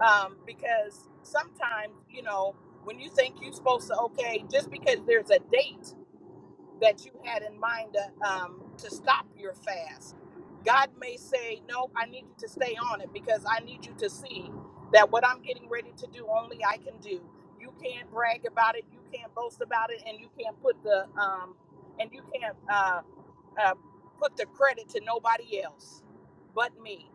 Speaker 5: um, because sometimes you know when you think you're supposed to okay just because there's a date that you had in mind to, um, to stop your fast. God may say, No, I need you to stay on it because I need you to see that what I'm getting ready to do, only I can do. You can't brag about it, you can't boast about it, and you can't put the um, and you can't uh, uh, put the credit to nobody else but me.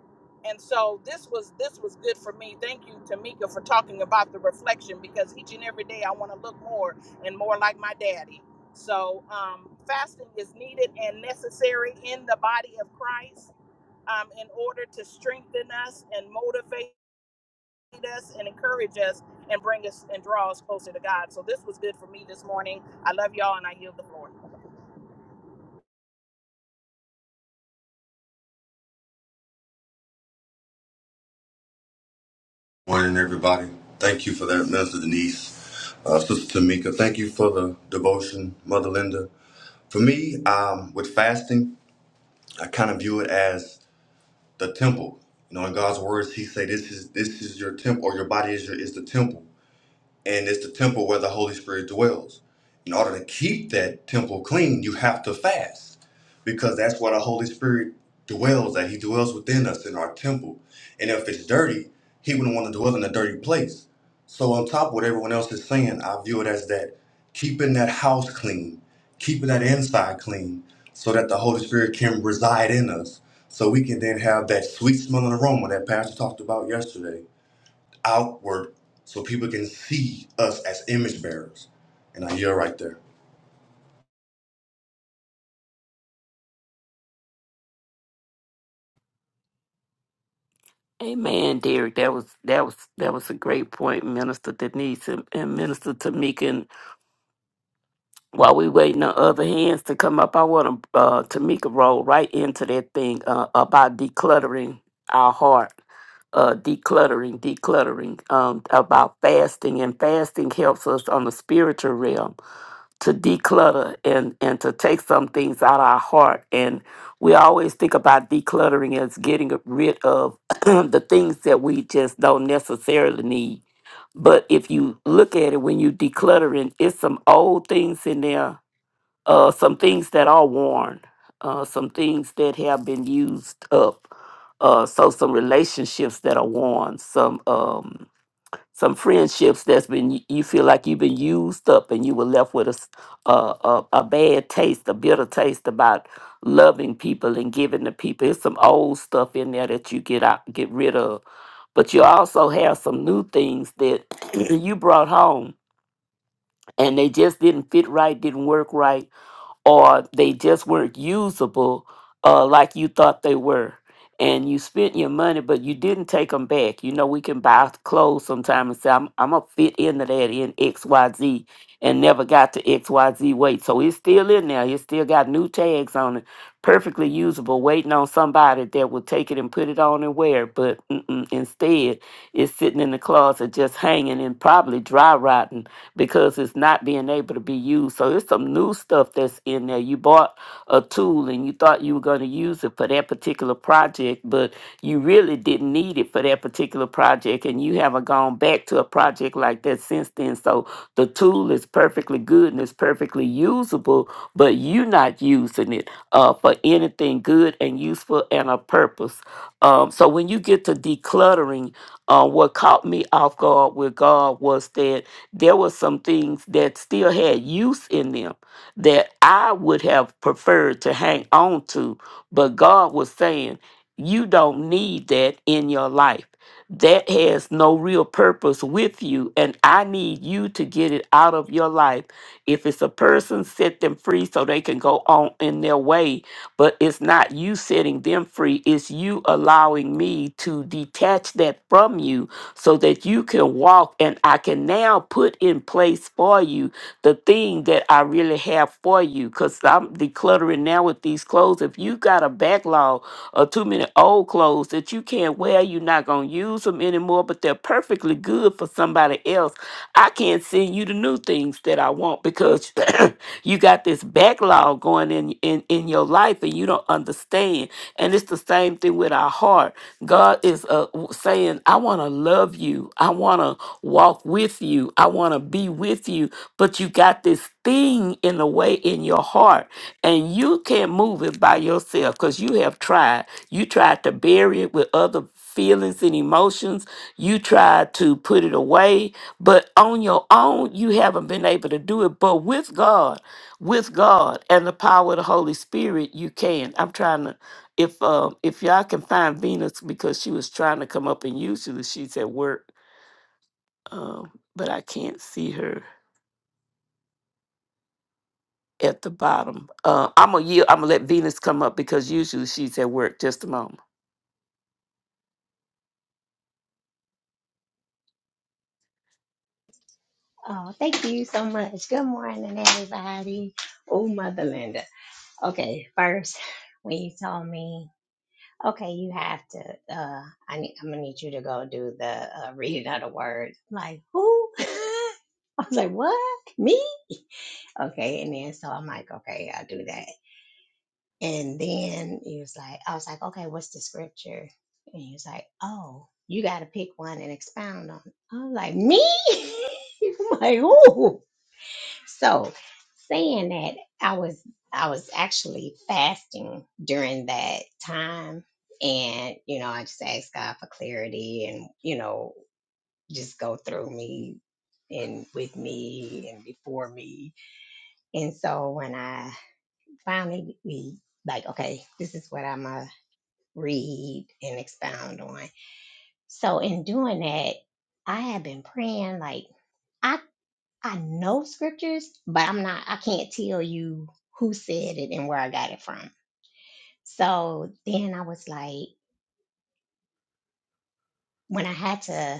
Speaker 5: And so this was this was good for me. Thank you, Tamika, for talking about the reflection because each and every day I want to look more and more like my daddy. So um, fasting is needed and necessary in the body of Christ um, in order to strengthen us and motivate us and encourage us and bring us and draw us closer to God. So this was good for me this morning. I love y'all and I yield the floor.
Speaker 6: Morning, everybody. Thank you for that, Minister Denise, uh, Sister Tamika. Thank you for the devotion, Mother Linda. For me, um, with fasting, I kind of view it as the temple. You know, in God's words, He say, "This is this is your temple, or your body is your is the temple." and it's the temple where the Holy Spirit dwells. In order to keep that temple clean, you have to fast because that's where the Holy Spirit dwells, that He dwells within us in our temple. And if it's dirty, He wouldn't want to dwell in a dirty place. So, on top of what everyone else is saying, I view it as that keeping that house clean, keeping that inside clean, so that the Holy Spirit can reside in us. So we can then have that sweet smelling aroma that Pastor talked about yesterday outward so people can see us as image bearers. And I hear right there.
Speaker 2: Amen, Derek. That was that was that was a great point, Minister Denise and, and Minister Tamika. While we waiting on other hands to come up, I want to uh, Tamika roll right into that thing uh, about decluttering our heart, uh, decluttering, decluttering, um, about fasting, and fasting helps us on the spiritual realm to declutter and and to take some things out of our heart and we always think about decluttering as getting rid of the things that we just don't necessarily need but if you look at it when you decluttering it's some old things in there uh some things that are worn uh some things that have been used up uh so some relationships that are worn some um some friendships that's been you feel like you've been used up and you were left with a, s- a, a- a bad taste a bitter taste about loving people and giving to people It's some old stuff in there that you get out get rid of but you also have some new things that you brought home and they just didn't fit right didn't work right or they just weren't usable uh, like you thought they were. And you spent your money, but you didn't take them back. You know, we can buy clothes sometime and say, I'm, I'm going to fit into that in XYZ and never got to XYZ weight. So it's still in there. It's still got new tags on it, perfectly usable, waiting on somebody that will take it and put it on and wear. it. But mm-mm, instead, it's sitting in the closet just hanging and probably dry rotting because it's not being able to be used. So it's some new stuff that's in there. You bought a tool and you thought you were going to use it for that particular project, but you really didn't need it for that particular project and you haven't gone back to a project like that since then. So the tool is perfectly good and it's perfectly usable, but you're not using it uh, for anything good and useful and a purpose. Um, so when you get to decluttering, uh, what caught me off guard with God was that there were some things that still had use in them that I would have preferred to hang on to. But God was saying, you don't need that in your life. That has no real purpose with you, and I need you to get it out of your life. If it's a person, set them free so they can go on in their way but it's not you setting them free. It's you allowing me to detach that from you so that you can walk and I can now put in place for you the thing that I really have for you. Because I'm decluttering now with these clothes. If you got a backlog of too many old clothes that you can't wear, you're not going to use them anymore, but they're perfectly good for somebody else. I can't send you the new things that I want because you got this backlog going in, in in your life and you don't understand. And it's the same thing with our heart. God is uh, w- saying, I want to love you. I want to walk with you. I want to be with you. But you got this thing in the way in your heart and you can't move it by yourself because you have tried. You tried to bury it with other feelings and emotions. You try to put it away, but on your own, you haven't been able to do it. But with God, with God and the power of the Holy Spirit, you can. I'm trying to. If um if y'all can find Venus because she was trying to come up and usually she's at work, um, but I can't see her at the bottom. Uh, I'm gonna yield, I'm gonna let Venus come up because usually she's at work. Just a moment.
Speaker 7: Oh, thank you so much. Good morning, everybody. Oh, Mother Linda. Okay, first, when you told me, okay, you have to, uh, I need, I'm gonna need you to go do the uh, reading of the word. I'm like, who? I was like, what? Me? Okay, and then so I'm like, okay, I'll do that. And then he was like, I was like, okay, what's the scripture? And he was like, oh, you got to pick one and expound on. it." I'm like, me? I'm like, who? So saying that I was I was actually fasting during that time and you know I just asked God for clarity and you know just go through me and with me and before me. And so when I finally we like okay this is what I'm gonna read and expound on. So in doing that I have been praying like I. I know scriptures, but I'm not, I can't tell you who said it and where I got it from. So then I was like, when I had to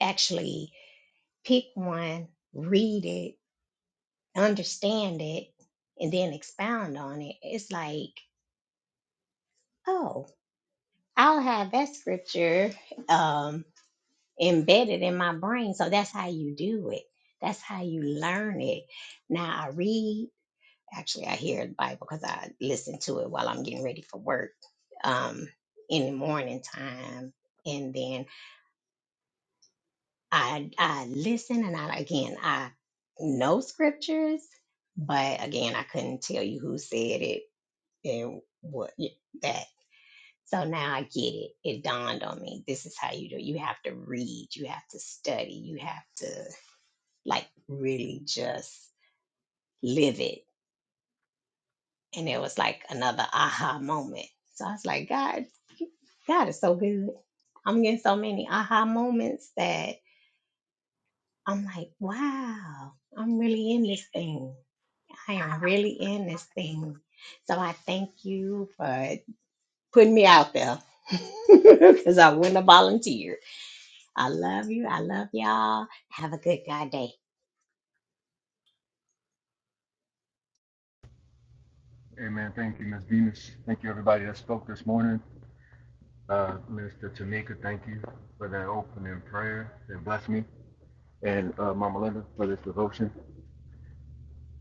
Speaker 7: actually pick one, read it, understand it, and then expound on it, it's like, oh, I'll have that scripture um, embedded in my brain. So that's how you do it. That's how you learn it. Now I read, Actually, I hear the Bible because I listen to it while I'm getting ready for work um, in the morning time. And then I I listen and I again I know scriptures, but again I couldn't tell you who said it and what that. So now I get it. It dawned on me. This is how you do. it. You have to read. You have to study. You have to like really just live it And it was like another aha moment. So I was like, God, God is so good. I'm getting so many aha moments that I'm like, wow, I'm really in this thing. I am really in this thing. So I thank you for putting me out there because I wouldn't have volunteered. I love you. I love y'all. Have a good God day.
Speaker 4: Amen. Thank you, Ms. Venus. Thank you, everybody that spoke this morning. Uh, Minister Tamika, thank you for that opening prayer that blessed me. And uh, Mama Linda for this devotion.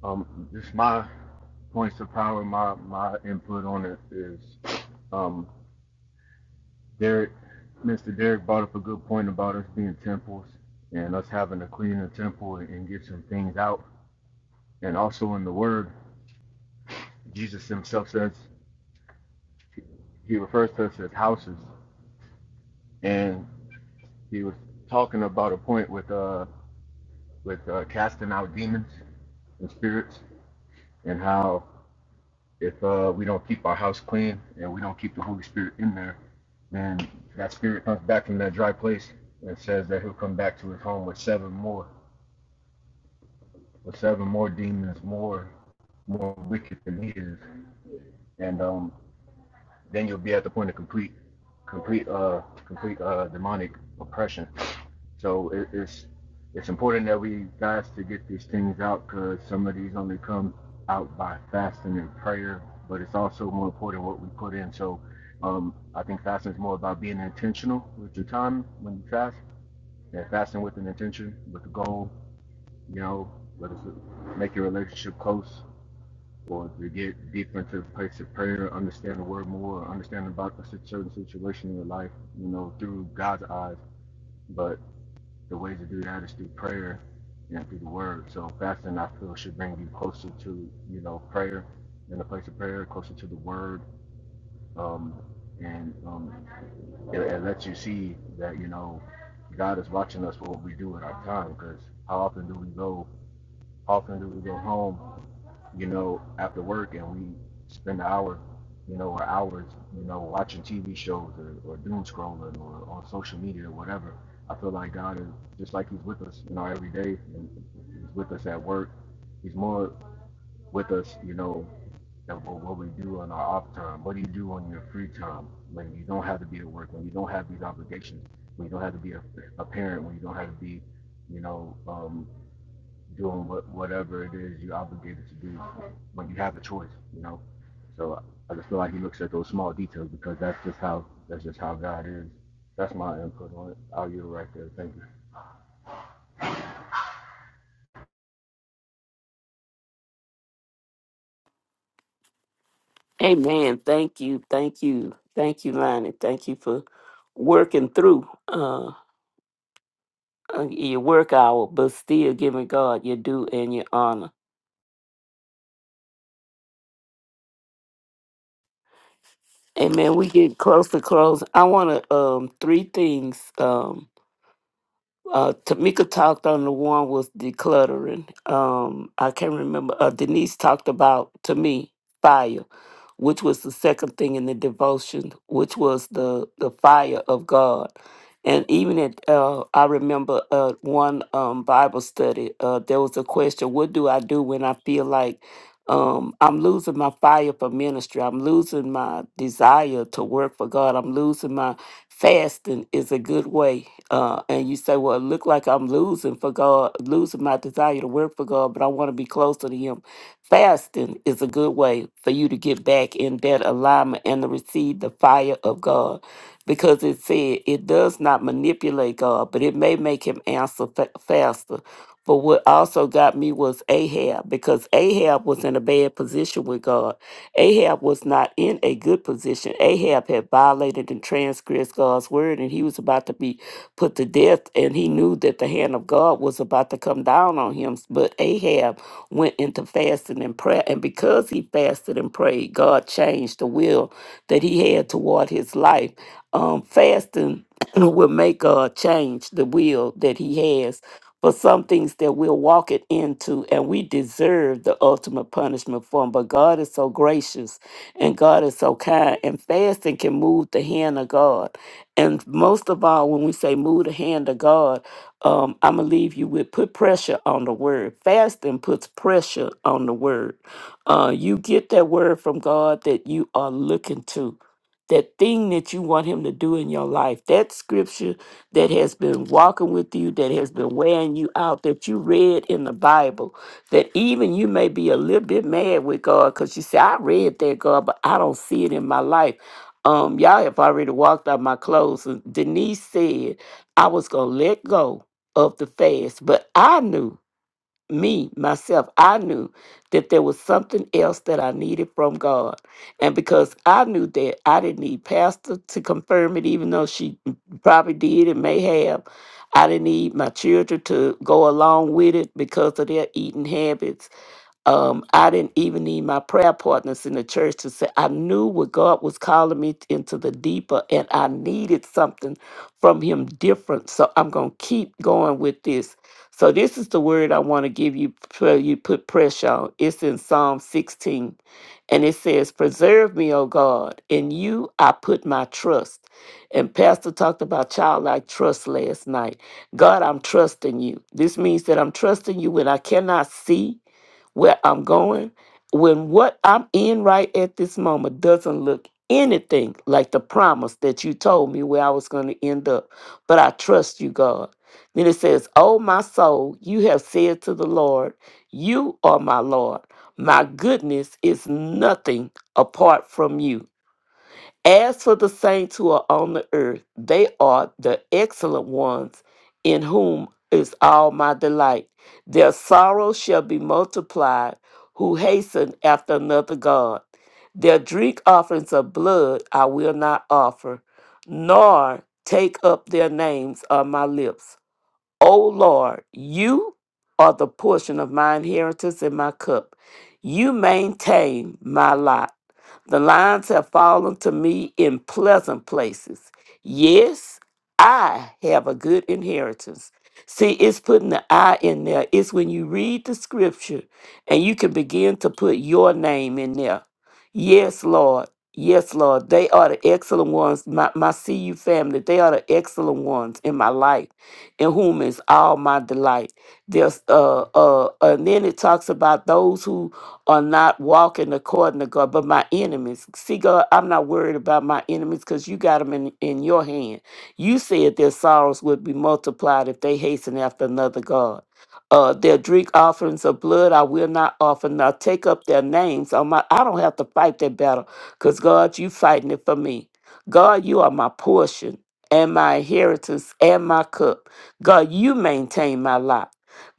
Speaker 4: Um, just my points of power, my, my input on it is um, Derek, Mr. Derek brought up a good point about us being temples and us having to clean the temple and get some things out. And also in the Word, Jesus himself says, he refers to us as houses. And he was talking about a point with uh with uh, casting out demons and spirits and how if uh we don't keep our house clean and we don't keep the Holy Spirit in there, then that spirit comes back from that dry place and says that he'll come back to his home with seven more with seven more demons, more more wicked than he is. And um then you'll be at the point of complete complete uh complete uh demonic oppression So it, it's it's important that we fast to get these things out because some of these only come out by fasting and prayer, but it's also more important what we put in. So um, I think fasting is more about being intentional with your time when you fast, and fasting with an intention, with a goal, you know, whether it's make your relationship close or to get deeper into the place of prayer, understand the word more, understand about a certain situation in your life, you know, through God's eyes. But the way to do that is through prayer and through the word. So fasting, I feel, should bring you closer to, you know, prayer, in a place of prayer, closer to the word. Um, and um, it, it lets you see that, you know, God is watching us for what we do with our time because how often do we go, how often do we go home you know, after work and we spend an hour, you know, or hours, you know, watching TV shows or, or doom scrolling or on social media or whatever, I feel like God is just like He's with us, you know, every day. And he's with us at work. He's more with us, you know, than what we do on our off time. What do you do on your free time when you don't have to be at work, when you don't have these obligations, when you don't have to be a, a parent, when you don't have to be, you know, um, doing what, whatever it is you're obligated to do when you have a choice, you know. So I just feel like he looks at those small details because that's just how that's just how God is. That's my input on it. I'll give it right there. Thank you.
Speaker 2: Amen. Thank you. Thank you. Thank you, Lonnie. Thank you for working through uh, uh, your work hour, but still giving God your due and your honor. Amen. We get close to close. I want to um three things. Um, Uh, Tamika talked on the one with decluttering. Um, I can't remember. Uh, Denise talked about to me fire, which was the second thing in the devotion, which was the the fire of God. And even at uh, I remember uh, one um, Bible study. Uh, there was a question: What do I do when I feel like um, I'm losing my fire for ministry? I'm losing my desire to work for God. I'm losing my fasting is a good way. Uh, and you say, well, it look like I'm losing for God, losing my desire to work for God, but I want to be closer to Him. Fasting is a good way for you to get back in that alignment and to receive the fire of God. Because it said it does not manipulate God, but it may make him answer fa- faster. But what also got me was Ahab, because Ahab was in a bad position with God Ahab was not in a good position. Ahab had violated and transgressed God's word, and he was about to be put to death, and he knew that the hand of God was about to come down on him. But Ahab went into fasting and prayer, and because he fasted and prayed, God changed the will that he had toward his life. Um, fasting will make God change the will that he has for some things that we're walking into and we deserve the ultimate punishment for them. But God is so gracious and God is so kind and fasting can move the hand of God. And most of all, when we say move the hand of God, um, I'm gonna leave you with put pressure on the word. Fasting puts pressure on the word. Uh, you get that word from God that you are looking to. That thing that you want him to do in your life, that scripture that has been walking with you, that has been wearing you out, that you read in the Bible, that even you may be a little bit mad with God because you say, I read that, God, but I don't see it in my life. Um, y'all have already walked out my clothes. And Denise said, I was going to let go of the fast, but I knew me, myself, I knew that there was something else that I needed from God. And because I knew that I didn't need pastor to confirm it, even though she probably did and may have, I didn't need my children to go along with it because of their eating habits um, I didn't even need my prayer partners in the church to say, I knew what God was calling me t- into the deeper, and I needed something from Him different. So I'm going to keep going with this. So, this is the word I want to give you, pray- you put pressure on. It's in Psalm 16, and it says, Preserve me, O God, in you I put my trust. And Pastor talked about childlike trust last night. God, I'm trusting you. This means that I'm trusting you when I cannot see where I'm going, when what I'm in right at this moment doesn't look anything like the promise that you told me where I was going to end up. But I trust you, God. Then it says, Oh, my soul, you have said to the Lord, You are my Lord. My goodness is nothing apart from you. As for the saints who are on the earth, they are the excellent ones in whom is all my delight. Their sorrow shall be multiplied who hasten after another God. Their drink offerings of blood I will not offer, nor take up their names on my lips. O Lord, you are the portion of my inheritance and my cup. You maintain my lot. The lines have fallen to me in pleasant places. Yes, I have a good inheritance. See, it's putting the I in there. It's when you read the scripture and you can begin to put your name in there. Yes, Lord. Yes, Lord. They are the excellent ones. My, my CU family, they are the excellent ones in my life in whom is all my delight. There's uh uh uh, and then it talks about those who are not walking according to God, but my enemies. See, God, I'm not worried about my enemies because you got them in, in your hand. You said their sorrows would be multiplied if they hasten after another God. Uh, their drink offerings of blood I will not offer, nor take up their names on my I don't have to fight that battle, because God, you fighting it for me. God, you are my portion and my inheritance and my cup. God, you maintain my lot.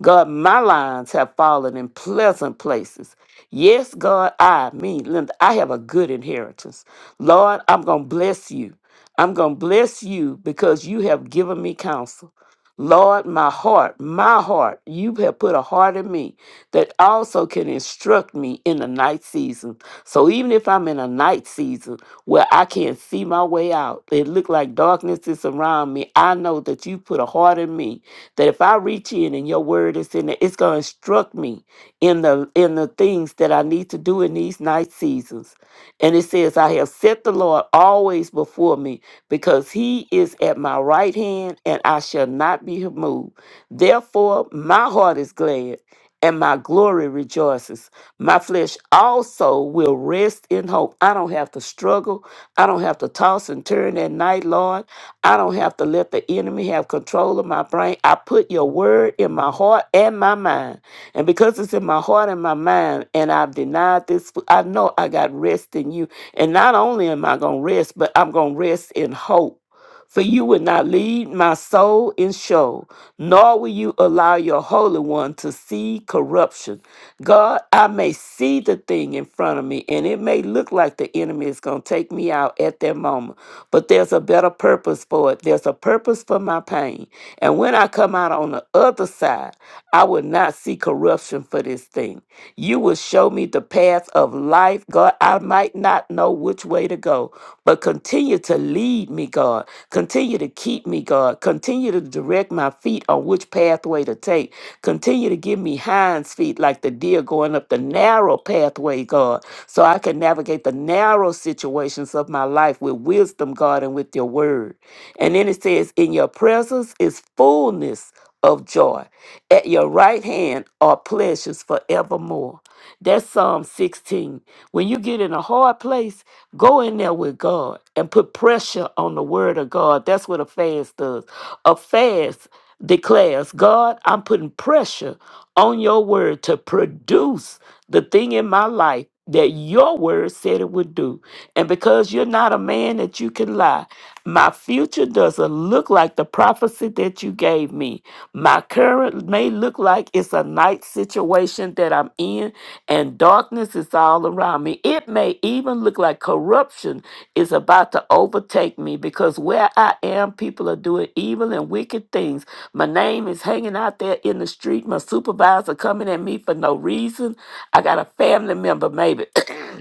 Speaker 2: God, my lines have fallen in pleasant places. Yes, God, I, me, Linda, I have a good inheritance. Lord, I'm going to bless you. I'm going to bless you because you have given me counsel. Lord, my heart, my heart, you have put a heart in me that also can instruct me in the night season. So even if I'm in a night season, where I can't see my way out. It looked like darkness is around me. I know that you put a heart in me that if I reach in and your word is in it, it's gonna instruct me in the in the things that I need to do in these night seasons. And it says, I have set the Lord always before me because he is at my right hand and I shall not be moved. Therefore, my heart is glad and my glory rejoices. My flesh also will rest in hope. I don't have to struggle. I don't have to toss and turn at night, Lord. I don't have to let the enemy have control of my brain. I put your word in my heart and my mind. And because it's in my heart and my mind, and I've denied this, I know I got rest in you. And not only am I going to rest, but I'm going to rest in hope. For you will not lead my soul in show, nor will you allow your Holy One to see corruption. God, I may see the thing in front of me, and it may look like the enemy is going to take me out at that moment, but there's a better purpose for it. There's a purpose for my pain. And when I come out on the other side, I will not see corruption for this thing. You will show me the path of life. God. God, I might not know which way to go, but continue to lead me, God. Continue to keep me, God. Continue to direct my feet on which pathway to take. Continue to give me hinds feet like the deer going up the narrow pathway, God, so I can navigate the narrow situations of my life with wisdom, God, and with your word. And then it says, In your presence is fullness of joy. At your right hand are pleasures forevermore. That's Psalm 16. When you get in a hard place, go in there with God and put pressure on the word of God. That's what a fast does. A fast declares, God, I'm putting pressure on your word to produce the thing in my life that your word said it would do. And because you're not a man that you can lie, my future doesn't look like the prophecy that you gave me. My current may look like it's a night situation that I'm in, and darkness is all around me. It may even look like corruption is about to overtake me because where I am, people are doing evil and wicked things. My name is hanging out there in the street. My supervisor coming at me for no reason. I got a family member, maybe.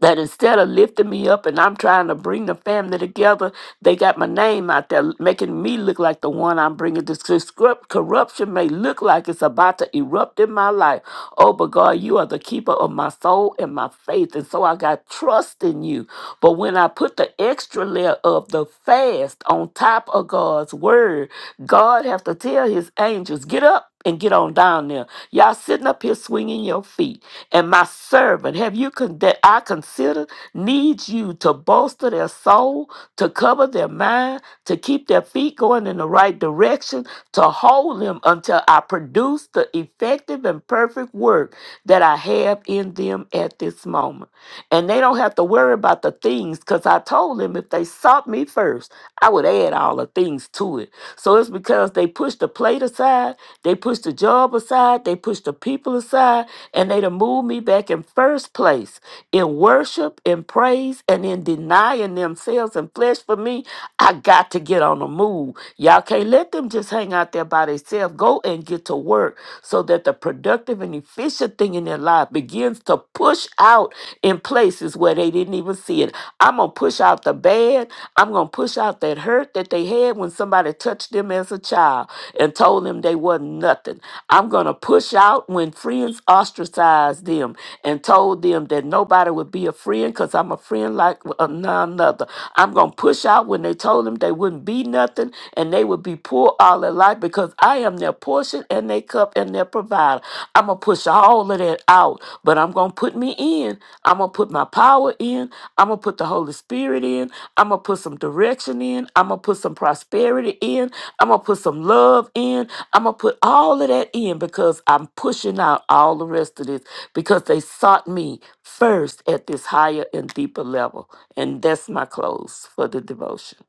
Speaker 2: that instead of lifting me up and I'm trying to bring the family together, they got my name out there, making me look like the one I'm bringing. This corrupt- corruption may look like it's about to erupt in my life. Oh, but God, you are the keeper of my soul and my faith. And so I got trust in you. But when I put the extra layer of the fast on top of God's word, God have to tell his angels, get up and get on down there. Y'all sitting up here swinging your feet. And my servant, have you con- that I consider, needs you to bolster their soul, to cover their mind, to keep their feet going in the right direction, to hold them until I produce the effective and perfect work that I have in them at this moment. And they don't have to worry about the things because I told them if they sought me first, I would add all the things to it. So it's because they pushed the plate aside, they pushed the job aside, they pushed the people aside, and they done moved me back in first place in worship, in praise, and in denying themselves and flesh for me, I got to get on the move. Y'all can't let them just hang out there by themselves. Go and get to work so that the productive and efficient thing in their life begins to push out in places where they didn't even see it. I'm going to push out the bad. I'm going to push out that hurt that they had when somebody touched them as a child and told them they wasn't nothing. I'm going to push out when friends ostracized them and and told them that nobody would be a friend because I'm a friend like a none other. I'm going to push out when they told them they wouldn't be nothing and they would be poor all their life because I am their portion and their cup and their provider. I'm going to push all of that out, but I'm going to put me in. I'm going to put my power in. I'm going to put the Holy Spirit in. I'm going to put some direction in. I'm going to put some prosperity in. I'm going to put some love in. I'm going to put all of that in because I'm pushing out all the rest of this because they sought me first at this higher and deeper level. And that's my close for the devotion.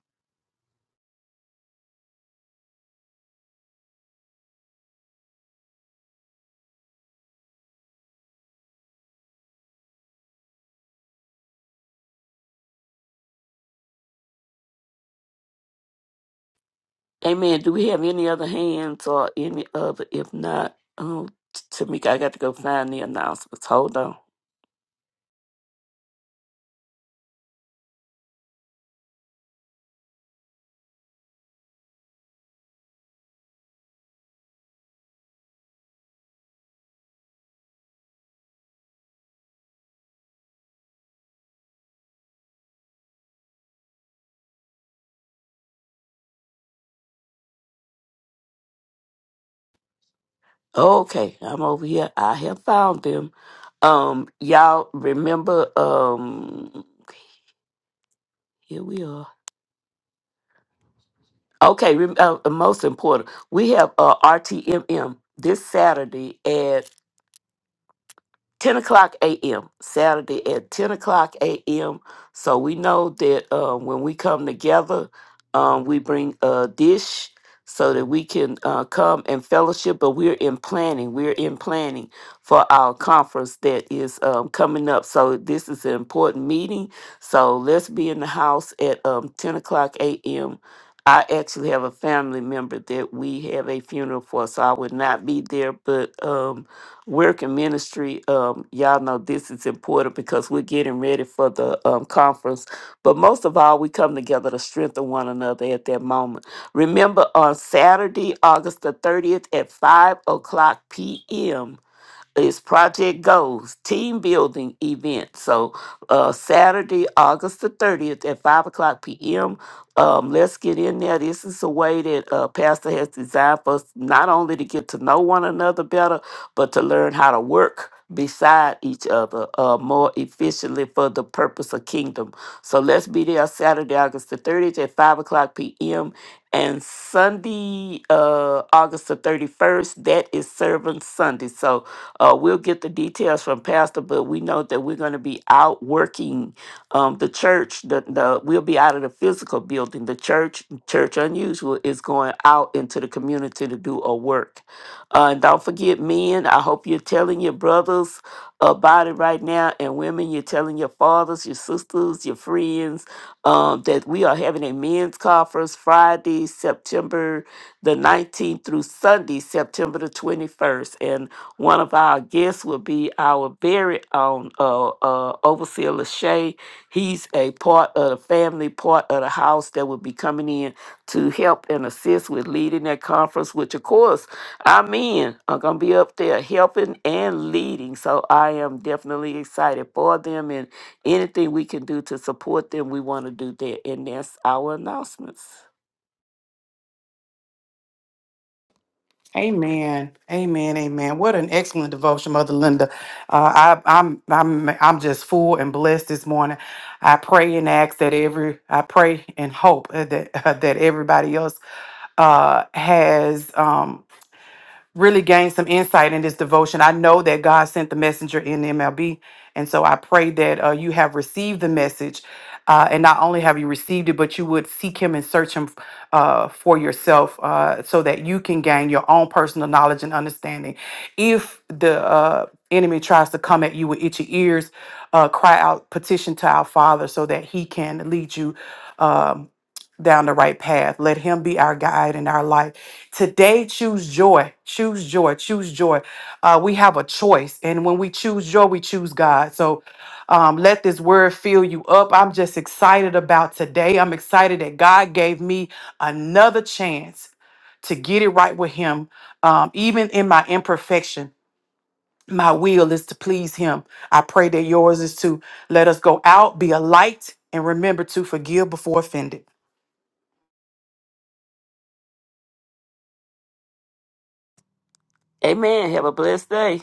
Speaker 2: Amen. Do we have any other hands or any other? If not, oh, T- Tamika, I got to go find the announcements. Hold on. Okay, I'm over here. I have found them. Um, y'all remember? Um, here we are. Okay, rem- uh, uh, most important, we have uh, RTMM this Saturday at 10 o'clock a.m. Saturday at 10 o'clock a.m. So we know that uh, when we come together, um, we bring a dish so that we can uh, come and fellowship. But we're in planning. We're in planning for our conference that is um, coming up. So this is an important meeting. So let's be in the house at um, 10 o'clock a.m. I actually have a family member that we have a funeral for, so I would not be there, but. Um, work and ministry um y'all know this is important because we're getting ready for the um, conference but most of all we come together to strengthen one another at that moment remember on saturday august the 30th at 5 o'clock p.m is project goals team building event so uh saturday august the 30th at 5 o'clock p.m um, let's get in there. This is a way that uh, Pastor has designed for us not only to get to know one another better, but to learn how to work beside each other uh, more efficiently for the purpose of kingdom. So let's be there Saturday, August the 30th at 5 o'clock p.m. And Sunday, uh, August the 31st, that is Servant Sunday. So uh, we'll get the details from Pastor, but we know that we're going to be out working um, the church. The, the We'll be out of the physical building. The church, Church Unusual, is going out into the community to do a work. Uh, and don't forget, men, I hope you're telling your brothers about it right now, and women, you're telling your fathers, your sisters, your friends um, that we are having a men's conference Friday, September the 19th through Sunday, September the 21st. And one of our guests will be our very own uh, uh, Overseer Lachey. He's a part of the family, part of the house that will be coming in to help and assist with leading that conference, which, of course, our men are going to be up there helping and leading. So I am definitely excited for them and anything we can do to support them, we want to do that. And that's our announcements.
Speaker 1: Amen. Amen. Amen. What an excellent devotion, Mother Linda. Uh, I, I'm I'm I'm just full and blessed this morning. I pray and ask that every I pray and hope uh, that that everybody else uh, has. Um, really gained some insight in this devotion. I know that God sent the messenger in MLB. And so I pray that uh, you have received the message. Uh, and not only have you received it, but you would seek him and search him uh, for yourself uh, so that you can gain your own personal knowledge and understanding. If the uh, enemy tries to come at you with itchy ears, uh, cry out, petition to our Father so that he can lead you um, down the right path. Let him be our guide and our light Today, choose joy. Choose joy. Choose joy. Uh, we have a choice. And when we choose joy, we choose God. So um, let this word fill you up. I'm just excited about today. I'm excited that God gave me another chance to get it right with Him, um, even in my imperfection. My will is to please Him. I pray that yours is to let us go out, be a light, and remember to forgive before offended.
Speaker 2: Amen. Have a blessed day.